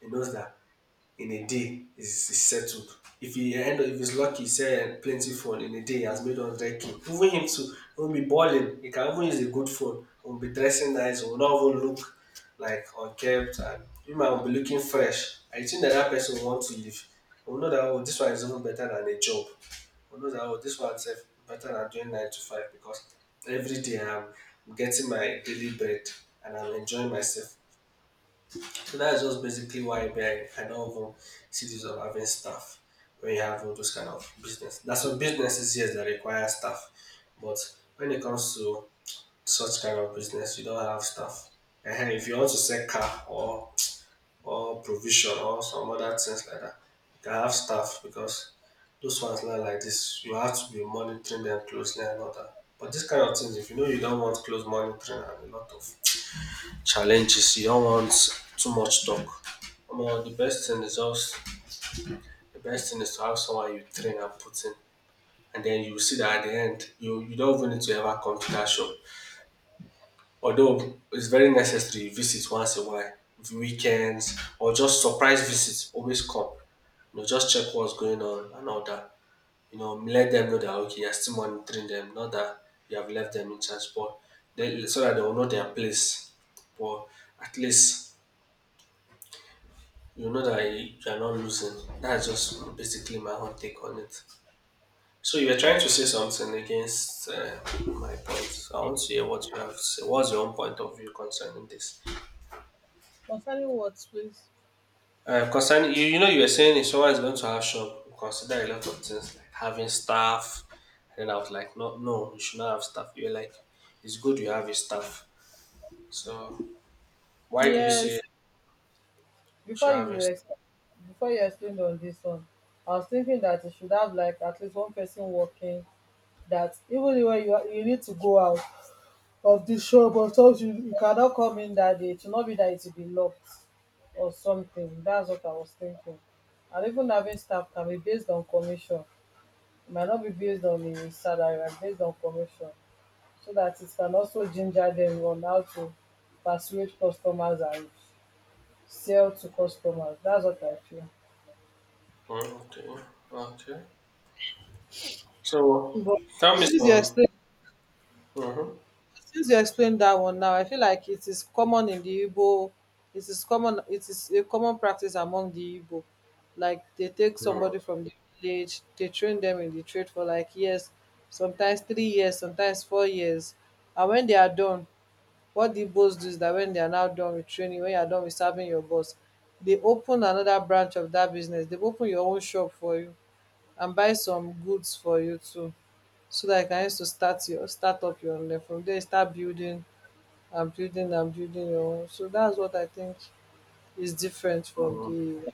he knows that in a day is settled. If he end up, if he's lucky, sell plenty phone in a day, he has made 100 k. Even him too, he will be balling. He can even use a good phone. He will be dressing nice. He will not even look like unkempt, and him and will be looking fresh. I think that that person will want to leave. He will know that, oh, this one is even better than a job. He will know that, oh, this one is better than doing nine to five, because every day I'm getting my daily bread and I'm enjoying myself. So that's just basically why me, I don't even see this of having staff when you have all those kind of business. That's, some businesses, yes, that require staff, but when it comes to such kind of business, you don't have staff. And if you want to sell car or provision or some other things like that, you can have staff because those ones not like this. You have to be monitoring them closely and all that. But this kind of things, if you know you don't want close monitoring and a lot of challenges you don't want too much talk. Omo, the best thing is to have someone you train and put in and then you see that at the end you don't even need to ever come to that shop. Although it's very necessary you visit once a while, weekends or just surprise visits always come. You know, just check what's going on and all that. You know, let them know that okay you are still monitoring them, not that you have left them in charge but then so that they will know their place. But at least you know that you are not losing. That's just basically my own take on it. So you were trying to say something against my point. So I want to hear what you have to say. What's your own point of view concerning this? concerning what, please. Concerning you know, you were saying if someone is going to have shop, consider a lot of things like having staff. And I was like, no, no, you should not have staff. You're like, it's good you have a staff. So why do you say you Yes, Before should have a you staff? ex, before you explained on this one, I was thinking that you should have like at least one person working. That even when you are, you need to go out of the shop, or sometimes you cannot come in that day. It should not be that it will be locked or something. That's what I was thinking. And even having staff can be based on commission. It might not be based on the salary, but based on commission, so that it can also ginger them on how to persuade customers and sell to customers. That's what I feel. Mm, okay, okay. So But tell me since you some. explained, Mm-hmm. Since you explained that one now, I feel like it is common in the Igbo. It is common. It is a common practice among the Igbo. Like they take Mm-hmm. somebody from the village, they train them in the trade for like years, sometimes 3 years, sometimes 4 years, and when they are done, what the boss do is that when they are now done with training, when you are done with serving your boss, they open another branch of that business. They open your own shop for you and buy some goods for you too, so that you can use to start your start up your own den from there. You start building and building and building your own. So that's what I think is different from Mm-hmm. the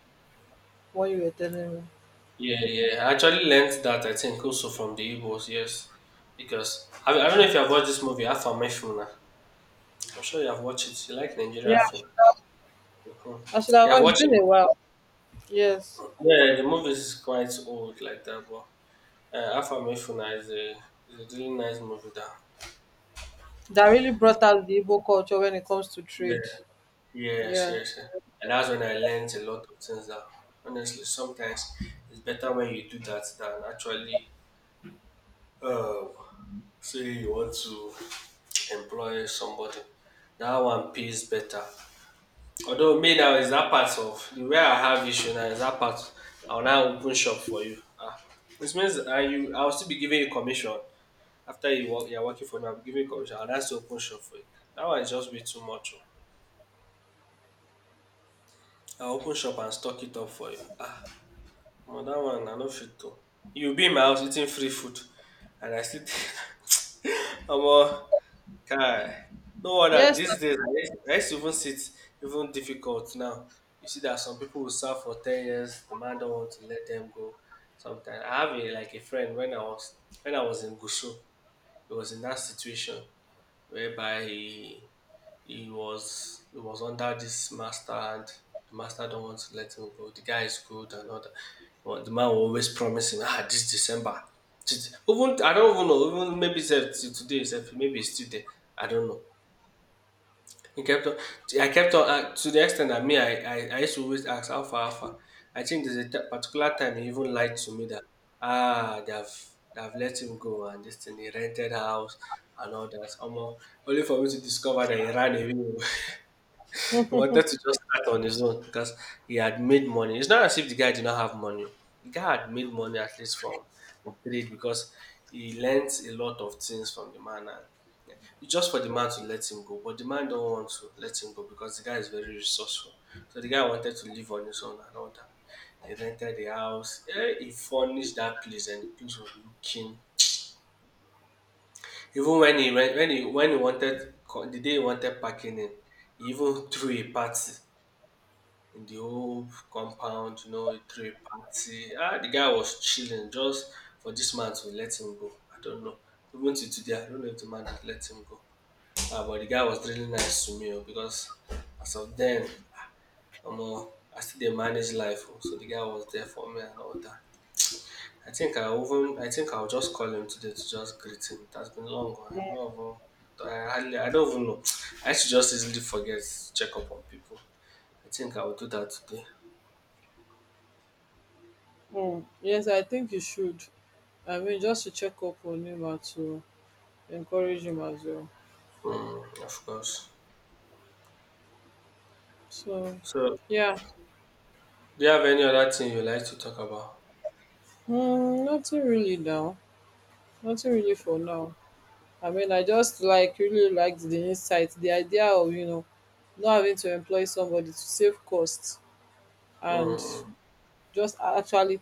one you were telling me. Yeah, yeah. I actually learned that I think also from the Igbos, yes. Because I don't know if you have watched this movie, Afamefuna. I'm sure you have watched it. You like Yeah, Nigeria film. Mhm. I should have You have watched. It's watched been it. a while. Yes, Yeah, the movie is quite old like that, but Afamefuna is a really nice movie that. that really brought out the Igbo culture when it comes to Yeah, trade. yes, Yeah. yes, yes. And that's when I learned a lot of things that honestly sometimes it's better when you do that than actually uh, say you want to employ somebody. That one pays better. Although me now is that part of the way I have issue now is that part I will now open shop for you. Ah, which means I will still be giving you commission after you're working for me. I'll be giving you commission. I'll now still open shop for you. That one is just way too much. Oh. I'll open shop and stock it up for you. Ah. Omo dat one I no fit to. You be in my house eating free food and I still think, *laughs* Omo guy, no wonder Yes, these days I used to even sit even difficult now. You see that some people will serve for 10 years, the man don't want to let them go. Sometimes I have a like a friend when I was in Gushu, he was in that situation whereby he was under this master and the master don't want to let him go. The guy is good and all that. But the man will always promise him, ah, this December. Even I don't even know. Even maybe said today itself, maybe it's still there. I don't know. He kept on. I kept on to the extent that me, I used to always ask how far, how far. I think there's a particular time he even lied to me that ah, they have let him go and this thing. He rented house and all that. Omo, only for me to discover that he ran away. *laughs* He wanted to just start on his own because he had made money. It's not as if the guy did not have money. The guy had made money at least from trade because he learnt a lot of things from the man and yeah, it's just for the man to let him go. But the man don't want to let him go because the guy is very resourceful. So the guy wanted to live on his own and all that. He rented the house. Eh, he furnished that place and the place was looking. Even when he wanted the day he wanted packing in, he even *laughs* threw a party in the whole compound, you know, he threw a party. Ah, the guy was chilling just for this man to let him go. I don't know. Even to today, I don't know if the man had let him go. Ah, but the guy was really nice to me oh, because as of then, I'm uh, I still dey manage life. Oh, so the guy was there for me and all that. I think I'll just call him today to just greet him. It has been long. Oh, I've not even I don't even know. *tsk* I should just easily forget to check up on people. I think I will do that today. Yes, I think you should, I mean, just to check up on him and to encourage him as well, Mm, of course. so So, yeah. do you have any other thing you like to talk about? Nothing really now, nothing really for now I mean, I just really liked the insight, the idea of, you know, not having to employ somebody to save costs and Mm, just actually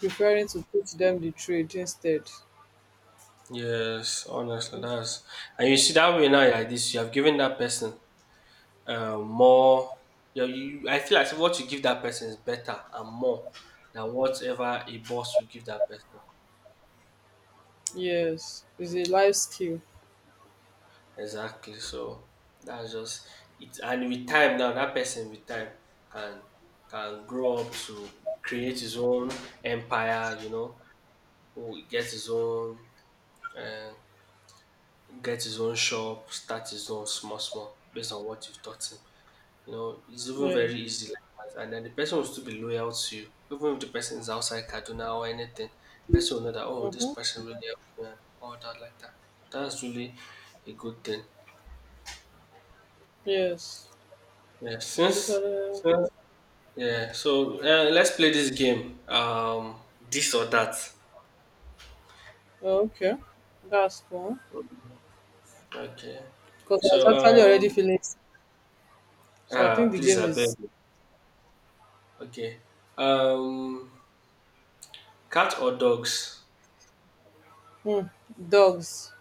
preferring to teach them the trade instead. yes, honestly, that's and you see that way now. Like this, you have given that person more. I feel as if what you give that person is better and more than whatever a boss will give that person. Yes, it's a life skill. Exactly. So that's just it. And with time now, that person with time can can grow up to create his own empire. You know, who gets his own. uh, get his own shop, start his own small, small, based on what you've taught him. You know, it's even Yeah. very easy like that. And then the person will still be loyal to you. Even if the person is outside Kaduna or anything, the person will know that, oh, this Mm-hmm. person really helped me and all that like that. That's really a good thing. Yes, Yeah, I since, totally— since yeah, so let's play this game. This or that. Okay, that's cool. Okay. Because I was So actually already feeling sick. So I think ah, the please, game I beg. is— You. Okay. Um, cat or dogs? hmm, dogs.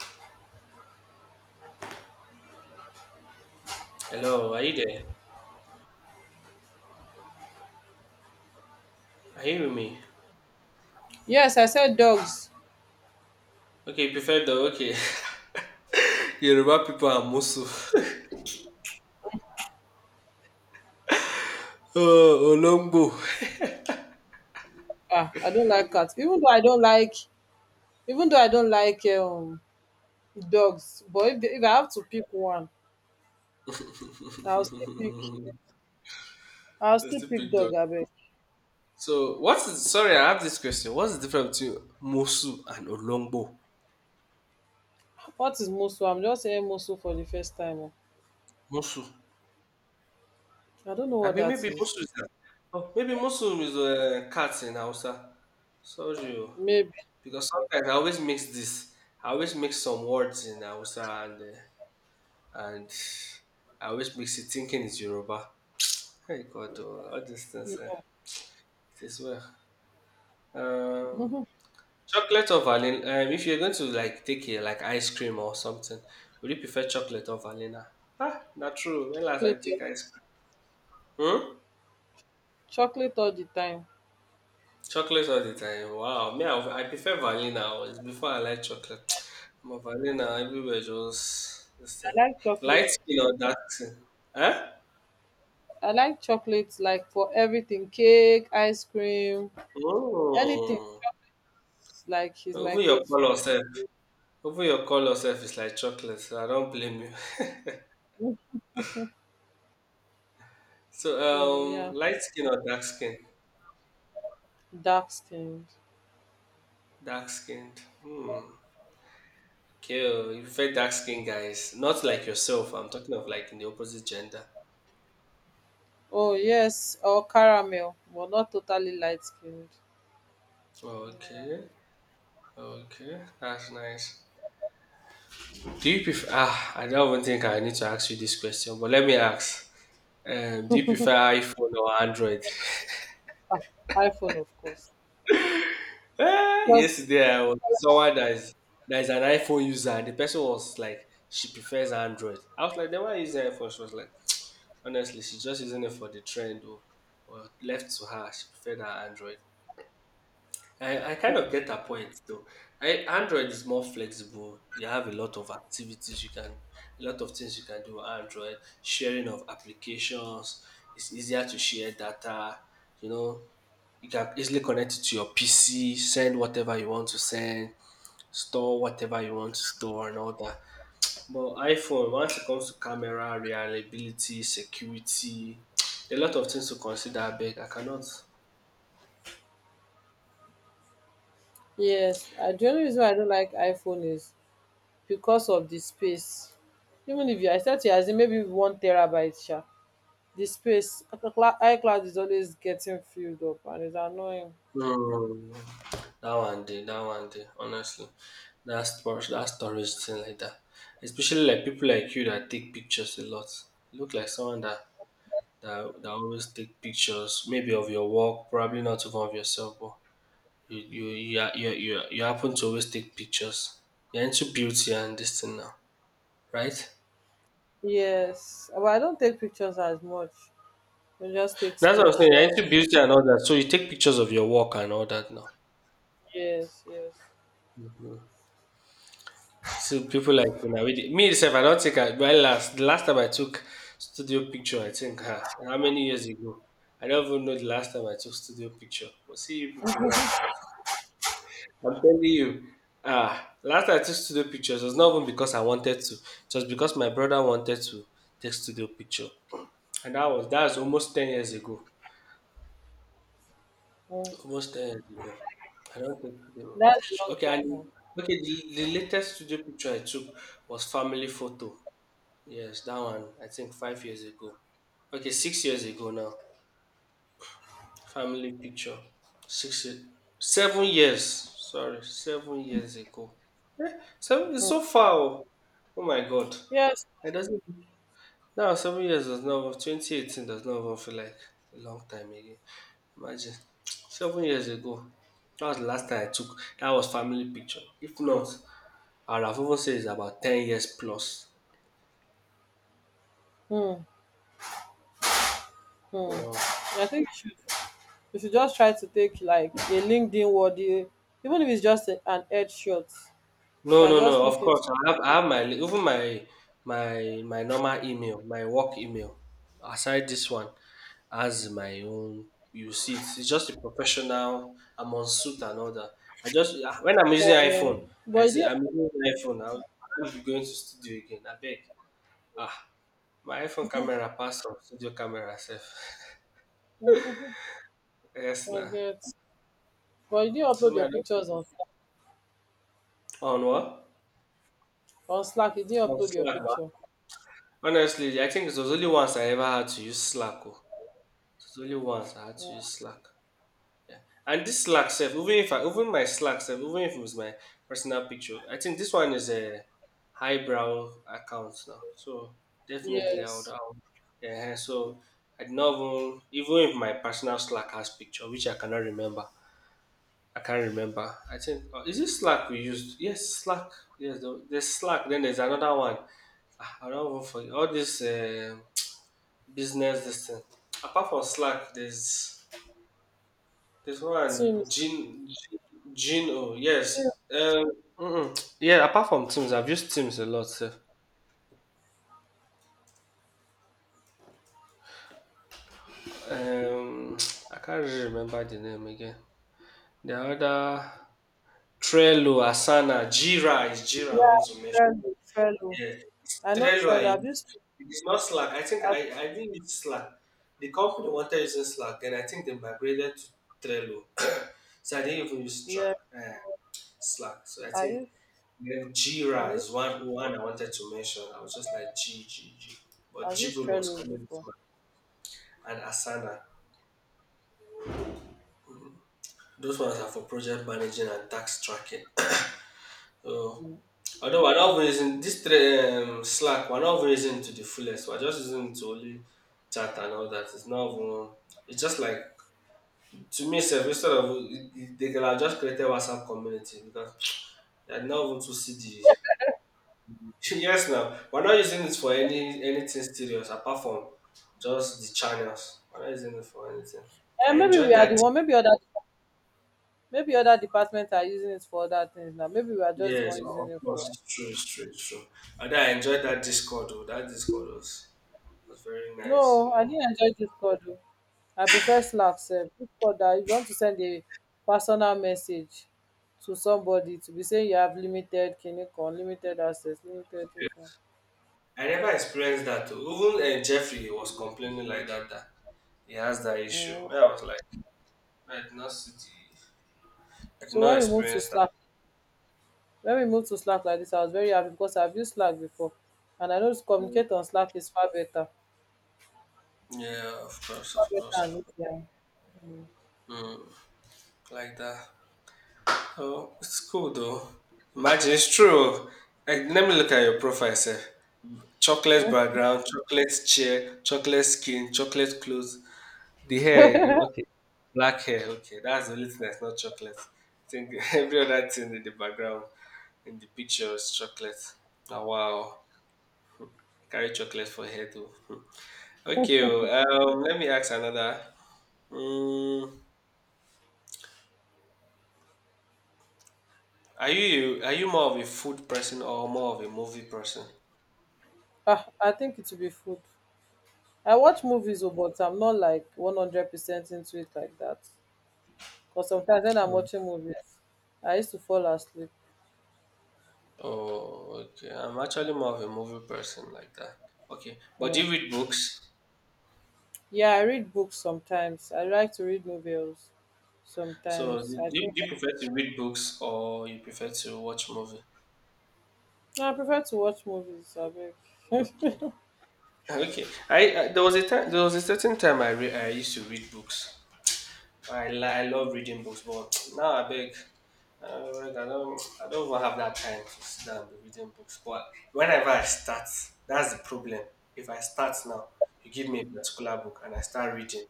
Hello, are you there? Are you with me? Yes, I said dogs. Okay, prefer the okay. *laughs* Yoruba people are Musu. *laughs* Oh, Olongbo. Ah, I don't like cats. Even though I don't like dogs, but if I have to pick one, I'll still pick. *laughs* I'll Let's still still pick pick dog. dog. I bet. So, what's the- sorry? I have this question. What's the difference between Musu and Olongbo? What is musu? I'm just saying musu for the first time, oh. Musu. I don't know I what mean, that maybe is. Musu is a, oh, maybe Musu is a cat in Hausa. Sorry, oh. Maybe— Because sometimes I always mix this. I always mix some words in Hausa and I which makes you thinking it's Yoruba. Hey God, oh, all these things, eh, no. it is well. Um, *laughs* chocolate or vanilla? If you're going to like take a like ice cream or something, would you prefer chocolate or vanilla? Ah, not true. When last I take Chocolate, ice cream? Hmm? chocolate all the time. Chocolate all the time. Wow. Me, I prefer vanilla. Always. Before I like chocolate. *tsk* My vanilla everywhere just this I thing. like chocolate. Light skin or dark skin? Huh? I like chocolate like for everything, cake, ice cream, anything. Oh. Like he's my Even your go-to. color sef. Over your color self is like chocolate. So I don't blame you. *laughs* So, So yeah, light skin or dark skin? dark skinned. Dark skinned. Hmm. Okay, oh, you prefer dark skinned guys, not like yourself. I'm talking of like in the opposite gender. Oh yes, or caramel, but not totally light skinned. Okay, okay, that's nice. Do you prefer? Ah, I don't even think I need to ask you this question, but let me ask. Do you prefer iPhone or Android? *laughs* Ah, iPhone, of course. Ah, Because yesterday I was someone that is an iPhone user and the person was like she prefers Android. I was like, then why use iPhone? She was like, *tsk* honestly, she's just using it for the trend or left to her. She preferred her Android. I kind *laughs* of get her point though. I, Android is more flexible. You have a lot of activities a lot of things you can do with Android. Sharing of applications. It's easier to share data. You know, you can easily connect it to your PC, send whatever you want to send, store whatever you want to store, and all that. But iPhone, once it comes to camera, reliability, security, *tsk* a lot of things to consider. Big, I cannot. yes, the only reason why I don't like iPhone is because of the space. Even if you I said to you as in maybe one terabyte sha, the space, iCloud is always getting filled up and it's annoying. Mm, that one day. Honestly, that's that storage thing like that. Especially like people like you that take pictures a lot. Look like someone that always take pictures, maybe of your work, probably not even of yourself, but you happen to always take pictures. You're into beauty and this thing now, right? Yes, but I don't take pictures as much. I just take That's what I'm saying. You're into screenshots. beauty and all that, so you take pictures of your work and all that now. Yes, yes. So people like you know, with it. Me itself, I don't think I my last the last time I took studio picture, I think huh, how many years ago? I don't even know the last time I took studio picture. But see you people now. I'm telling you, last time I took studio pictures was not even because I wanted to. It was because my brother wanted to take studio picture. And that was almost 10 years ago. Mm. Almost 10 years ago. I don't think they were That's a picture. long Okay, and time, oh. okay, the latest studio picture I took was family photo. Yes, that one, I think 5 years ago. Okay, 6 years ago now. Family picture. Six, ye- 7 years. Sorry, 7 years ago. Seven is Mm. so far. Oh, oh, my God. Yes. It doesn't. No, 7 years does not. 2018 does not even feel like a long time again. Imagine. 7 years ago. That was the last time I took. That was family picture. If not, I would have even said it's about 10 years plus. Hmm. Hmm. Yeah. I think you should, You should just try to take like a LinkedIn worthy, even if it's just a, an head shot. You No, can no, just no. Of look into— course, I have even my normal email, my work email. Aside this one, as my own, you see, it's just a professional. I'm on suit and all that. When I'm using um, iPhone, I but say you I'm using iPhone. I'm not going to studio again. I beg. Ah, my iPhone camera passed from studio camera self. *laughs* didn't. *laughs* Yes, I nah. get. But you Mm. didn't So upload me, your I don't- pictures on— on what? on Slack. You didn't On upload your Slack, ma. picture. Honestly, I think it was only once I ever had to use Slack, oh. It's only once I had to use Slack. Yeah. And this Slack self, even if I even my Slack self, even if it was my personal picture, I think this one is a highbrow account now. So definitely Yes. Yeah, so I did not even, even if my personal Slack has picture, which I cannot remember. I can't remember. I think is it Slack we used? Yes, Slack. Yes, there's Slack. Then there's another one. I don't even forget all this business this thing. Apart from Slack, there's this one, Teams. Jin. Oh, Teams. yes. Mm-mm. Yeah. Apart from Teams, I've used Teams a lot, sef. Um, I can't really remember the name again. The other Trello, Asana, Jira is Jira. I Yeah. want to mention. Trello. Trello. Yeah, it's I know Trello. Trello. I I've use. used It's not Slack. I think I've, I didn't use Slack. The company wanted using Slack, then I think they migrated to Trello. *laughs* *coughs* So I didn't even use Slack. yeah, Uh, Slack. So I I think used then I Jira is used one I wanted to mention. I was just like G G G, but I've used Jibul was Trello coming before. to my, and Asana. Those ones are for project managing and tax tracking. So although we're not using this three, Slack, we're not using it to the fullest. We're just using it to only chat and all that. It's not even. It's just like to me, self instead of they could have just created WhatsApp community because they're not even to see the *laughs* yes, now we're not using it for anything serious apart from just the channels. We're not using it for anything. And I maybe we enjoyed are the that. one. Maybe other departments are using it for other things now. Maybe we are just the Yes, one using of it for. course, it's true, it's true, it's true. And I enjoyed that Discord though. That Discord was very nice. You No, I know, didn't enjoy Discord, though. I prefer Slack. Sef. Discord, that if you want to send a personal message to somebody to be saying you have limited clinic or limited access, limited, this one. I never experienced that though. Even Jeffrey was complaining like that that he has that issue. Mm. Me, I was like, I did not see the, I did So not when we move to experience that. Slack, When we moved to Slack like this, I was very happy because I've used Slack before and I know to communicate on Slack is far better. Yeah, of course, Far of better course, and of easier. course. Mm, like that. Oh, it's cool though. Imagine it's true. Like, let me look at your profile, sir. Chocolate Mm. background, chocolate chair, chocolate skin, chocolate clothes. The hair, okay. Black hair, okay. That's the only thing that's not chocolate. I think *laughs* every other thing in the background, in the picture is chocolate. Oh, wow. Carry chocolate for hair too. *laughs* Okay, let me ask another. Mm, are you more of a food person or more of a movie person? Ah, I think it will be food. I watch movies, oh, but I'm not like 100% into it like that. Because sometimes when I'm watching movies, I used to fall asleep. Oh, okay. I'm actually more of a movie person like that. Okay, but do Mm. you read books? Yeah, I read books sometimes. I like to read novels So, do sometimes. I you, think— do you prefer to read books or you prefer to watch movie? I prefer to watch movies. I beg. Okay, okay. I there was a certain time I used to read books. I love reading books, but *tsk* now I beg. I don't even have that time to sit down and be reading books. But whenever I start, that's the problem. If I start now, you give me a particular book and I start reading.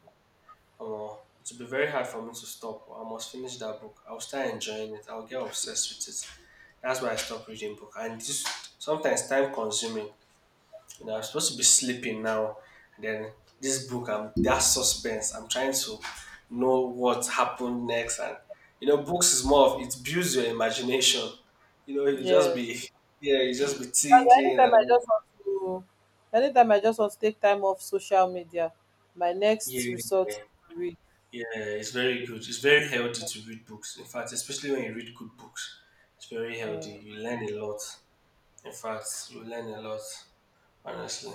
Omo, it would be very hard for me to stop. I must finish that book. I'll start enjoying it. I'll get obsessed with it. That's why I stopped reading book. And this sometimes time consuming. You know, I'm supposed to be sleeping now. And then this book, I'm that suspense. I'm trying to know what happened next. And you know, books is more of it builds your imagination. You know, you just *laughs* Yes. be yeah, you just be And thinking and anytime I all. just want to anytime I just want to take time off social media, my Yeah, next yeah. resort is Yeah. to read. Yeah, it's very good. It's very healthy to read books. In fact, especially when you read good books, it's very um healthy. You learn a lot. In fact, you learn a lot, honestly.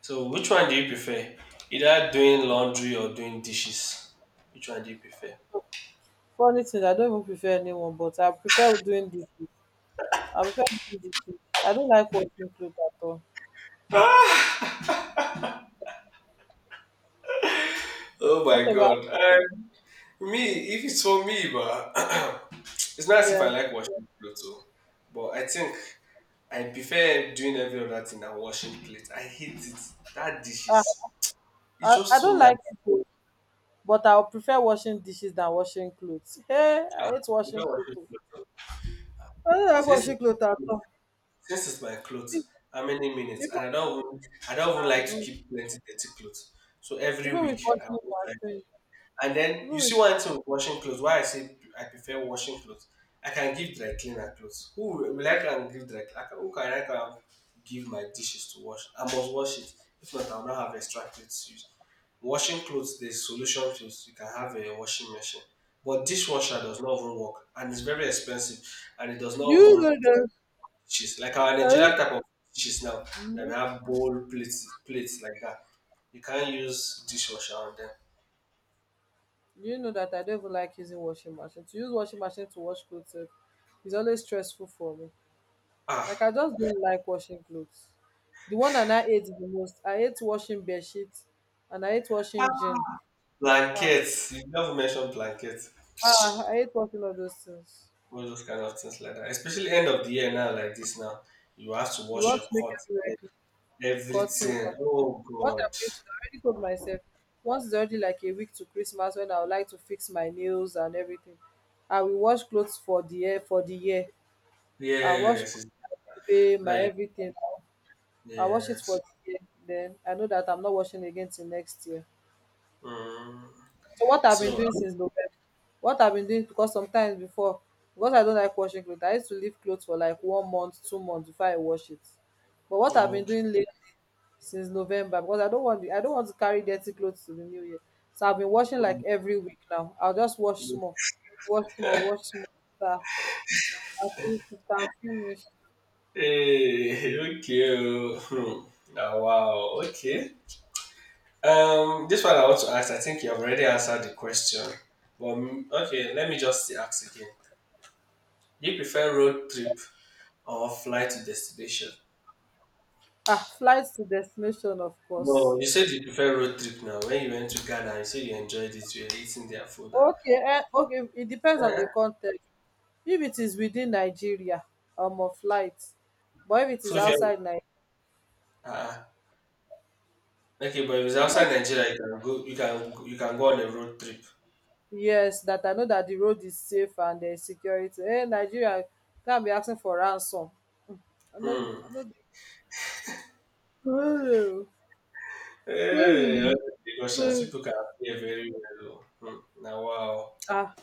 So, which one do you prefer? Either doing laundry or doing dishes? Which one do you prefer? Funny thing, I don't even prefer anyone, but I prefer doing this. I prefer doing this. I don't like watching clothes at all. Oh What my about— God. Me, if it's for me, but *clears throat* it's not as if yeah, I like washing clothes, but I think I prefer doing every other thing than washing plates. I hate it. That ah dishes. It's I just so don't nasty. like it, o, but I would prefer washing dishes than washing clothes. *laughs* Hey, I hate I washing prefer clothes. washing I don't like Since washing it's my clothes at clothes, all. since it's my Even clothes, how many minutes? And even- I don't even like to no keep plenty dirty clothes. So every Even with week I washing always try to. machine, And then even you with see one thing with washing clothes. Why I say I prefer washing clothes. I can give dry cleaner clothes. Who will I can give dry cleaner? Who can I can give my dishes to wash? I must wash it. If not, I will not have extra clothes to use. Washing clothes, there's solution to it. You can have a washing machine. But dishwasher does not even work and it's very expensive and it does do not you know even. the— She's like our Nigerian type of dishes now. That hmm— we have bowl plates, plates like that. You can't use dishwasher on them. do you know that I don't even like using washing machine? To use washing machine to wash clothes sef is always stressful for me. Like I Ah, just don't like washing clothes. The one that I hate the most, I hate washing bed sheets and I hate washing jeans. Ah, blankets. You never mentioned ah, I blankets. hate washing all those things. All those kind of things like that. Especially end of the year now, like this now. You have to You wash want your to make everywhere curtains, clean, curtains everything. and all that. Oh What I'm God. going to do, I already told myself, once it's already like a week to Christmas when I would like to fix my nails and everything, I will wash clothes for the year. I wash, Yes, it's pay my like everything. I wash it for yes. the year. Then I know that I'm not washing again till next year. Mm. So what I've been So doing since November, what I've been doing because sometimes before, because I don't like washing clothes, I used to leave clothes for like 1 month, 2 months before I wash it. But what I've been okay. *laughs* doing lately since November, because I don't want to carry dirty clothes to the new year. So I've been washing like every week now. I'll just wash Mm. small, wash small, wash small. So I I think I can finish. Hey, okay, oh. *laughs* Hmm. Wow. Okay. This one I want to ask. I think you have already answered the question. But okay, let me just ask again. Do you prefer road trip or flight to destination? Ah, flights to destination, of No, course. you said you prefer road trip now. When you went to Ghana, you said you enjoyed it. You were eating their food. Okay, eh, okay. It depends on the Eh, context. If it is within Nigeria, a flight. But if it is So if you outside Nigeria, uh, okay, but if it's outside yes, Nigeria, you can go. You can go on a road trip. yes, that I know that the road is safe and there is security. Hey, Nigeria can't be asking for ransom. I know, Hmm. I know. Hey, all The— these questions. People can hear very well, oh. Hmm. Now wow. ah,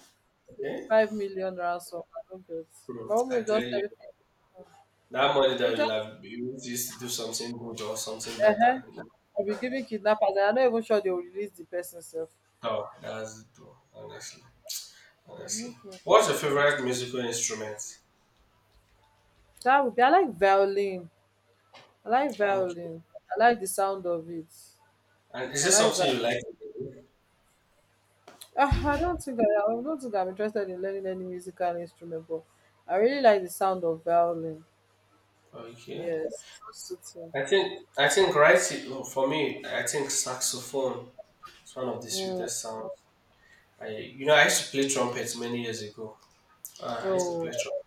Okay. 5 million ransom, I don't get. My Hmm. mom I will tell just you. tell me. That money They that you'll just have you will use to do something good or something better. will be giving kidnappers, and I'm not even sure they will release the person self. Oh, that's it though, honestly. Honestly. Okay. What's your favorite musical instrument? That would be— I like violin. I like Okay. violin. I like the sound of it. And is I this like something violin. you like to do? Ah, I don't think I'm interested in learning any musical instrument, but I really like the sound of violin. Okay. Yes, it's so soothing. I think right for me, I think saxophone is one of the Mm. sweetest sounds. I you know I used to play trumpet many years ago. I used to play Oh, trumpet.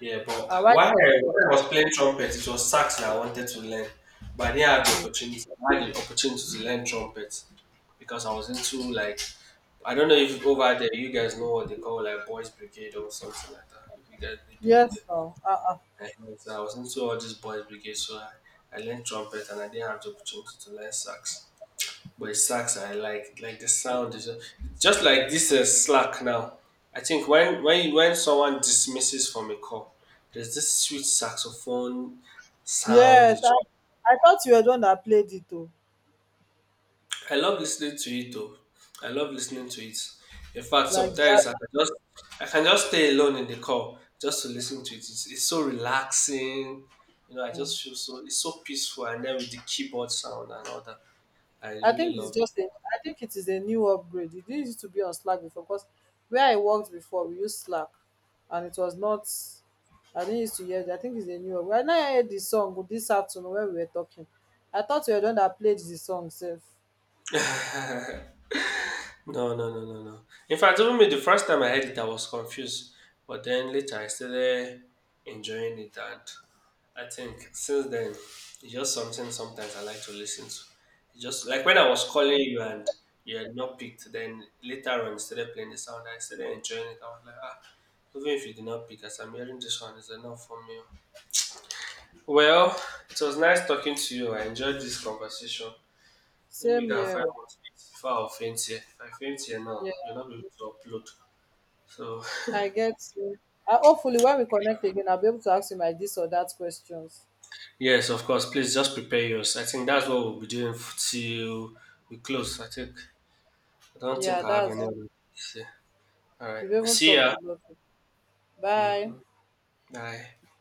Yeah, but I like this one. when I was playing trumpet, it was sax that I wanted to learn. But I didn't have the opportunity. I had the opportunity to learn trumpet because I was into like I don't know if over there you guys know what they call like boys brigade or something like that. If you guys they do it Yes, there. now. Uh-uh. And so I was into all this boys brigade, so I learned trumpet and I didn't have the opportunity to learn sax but it sucks. I like the sound is just like this Slack now. I think when someone dismisses from a call, there's this sweet saxophone sound. Yes, I thought you were the one that played it too, I love listening to it though. I love listening to it. In fact, like jazz. sometimes I can just stay alone in the call just to listen to it. It's so relaxing. You know, I just feel so it's so peaceful, and then with the keyboard sound and all that, I really love it. I think it is a new upgrade. It didn't used to be on Slack before because where I worked before we used Slack and it was not— I didn't used to hear it. I think it's a new upgrade. And I heard the song this afternoon when we were talking. I thought you were the one that played the song self. No, no, no, no, no. In fact, even me, the first time I heard it, I was confused. But then later, I started enjoying it, and I think since then, it's just something sometimes I like to listen to. It's just like when I Yeah. was calling you and you had not picked, then later on, instead of playing the sound, I started enjoying it. I was like, even if you did not pick, as I'm hearing this one, it's enough for me. Well, it was nice talking to you. I enjoyed this conversation. Let me Same go and here, find oh. what to eat before I'll faint here. If I faint here now, Yeah. you'll not be able to upload. So I get you. I, hopefully when we connect again, I'll be able to ask you my this or that questions. *laughs* yes, of course, please just prepare yours. I think that's what we'll be doing till we close. I think I don't think Yeah, I have that's— any other things to say. All right. we've even See talked ya. about it. Bye. Hmm. Bye.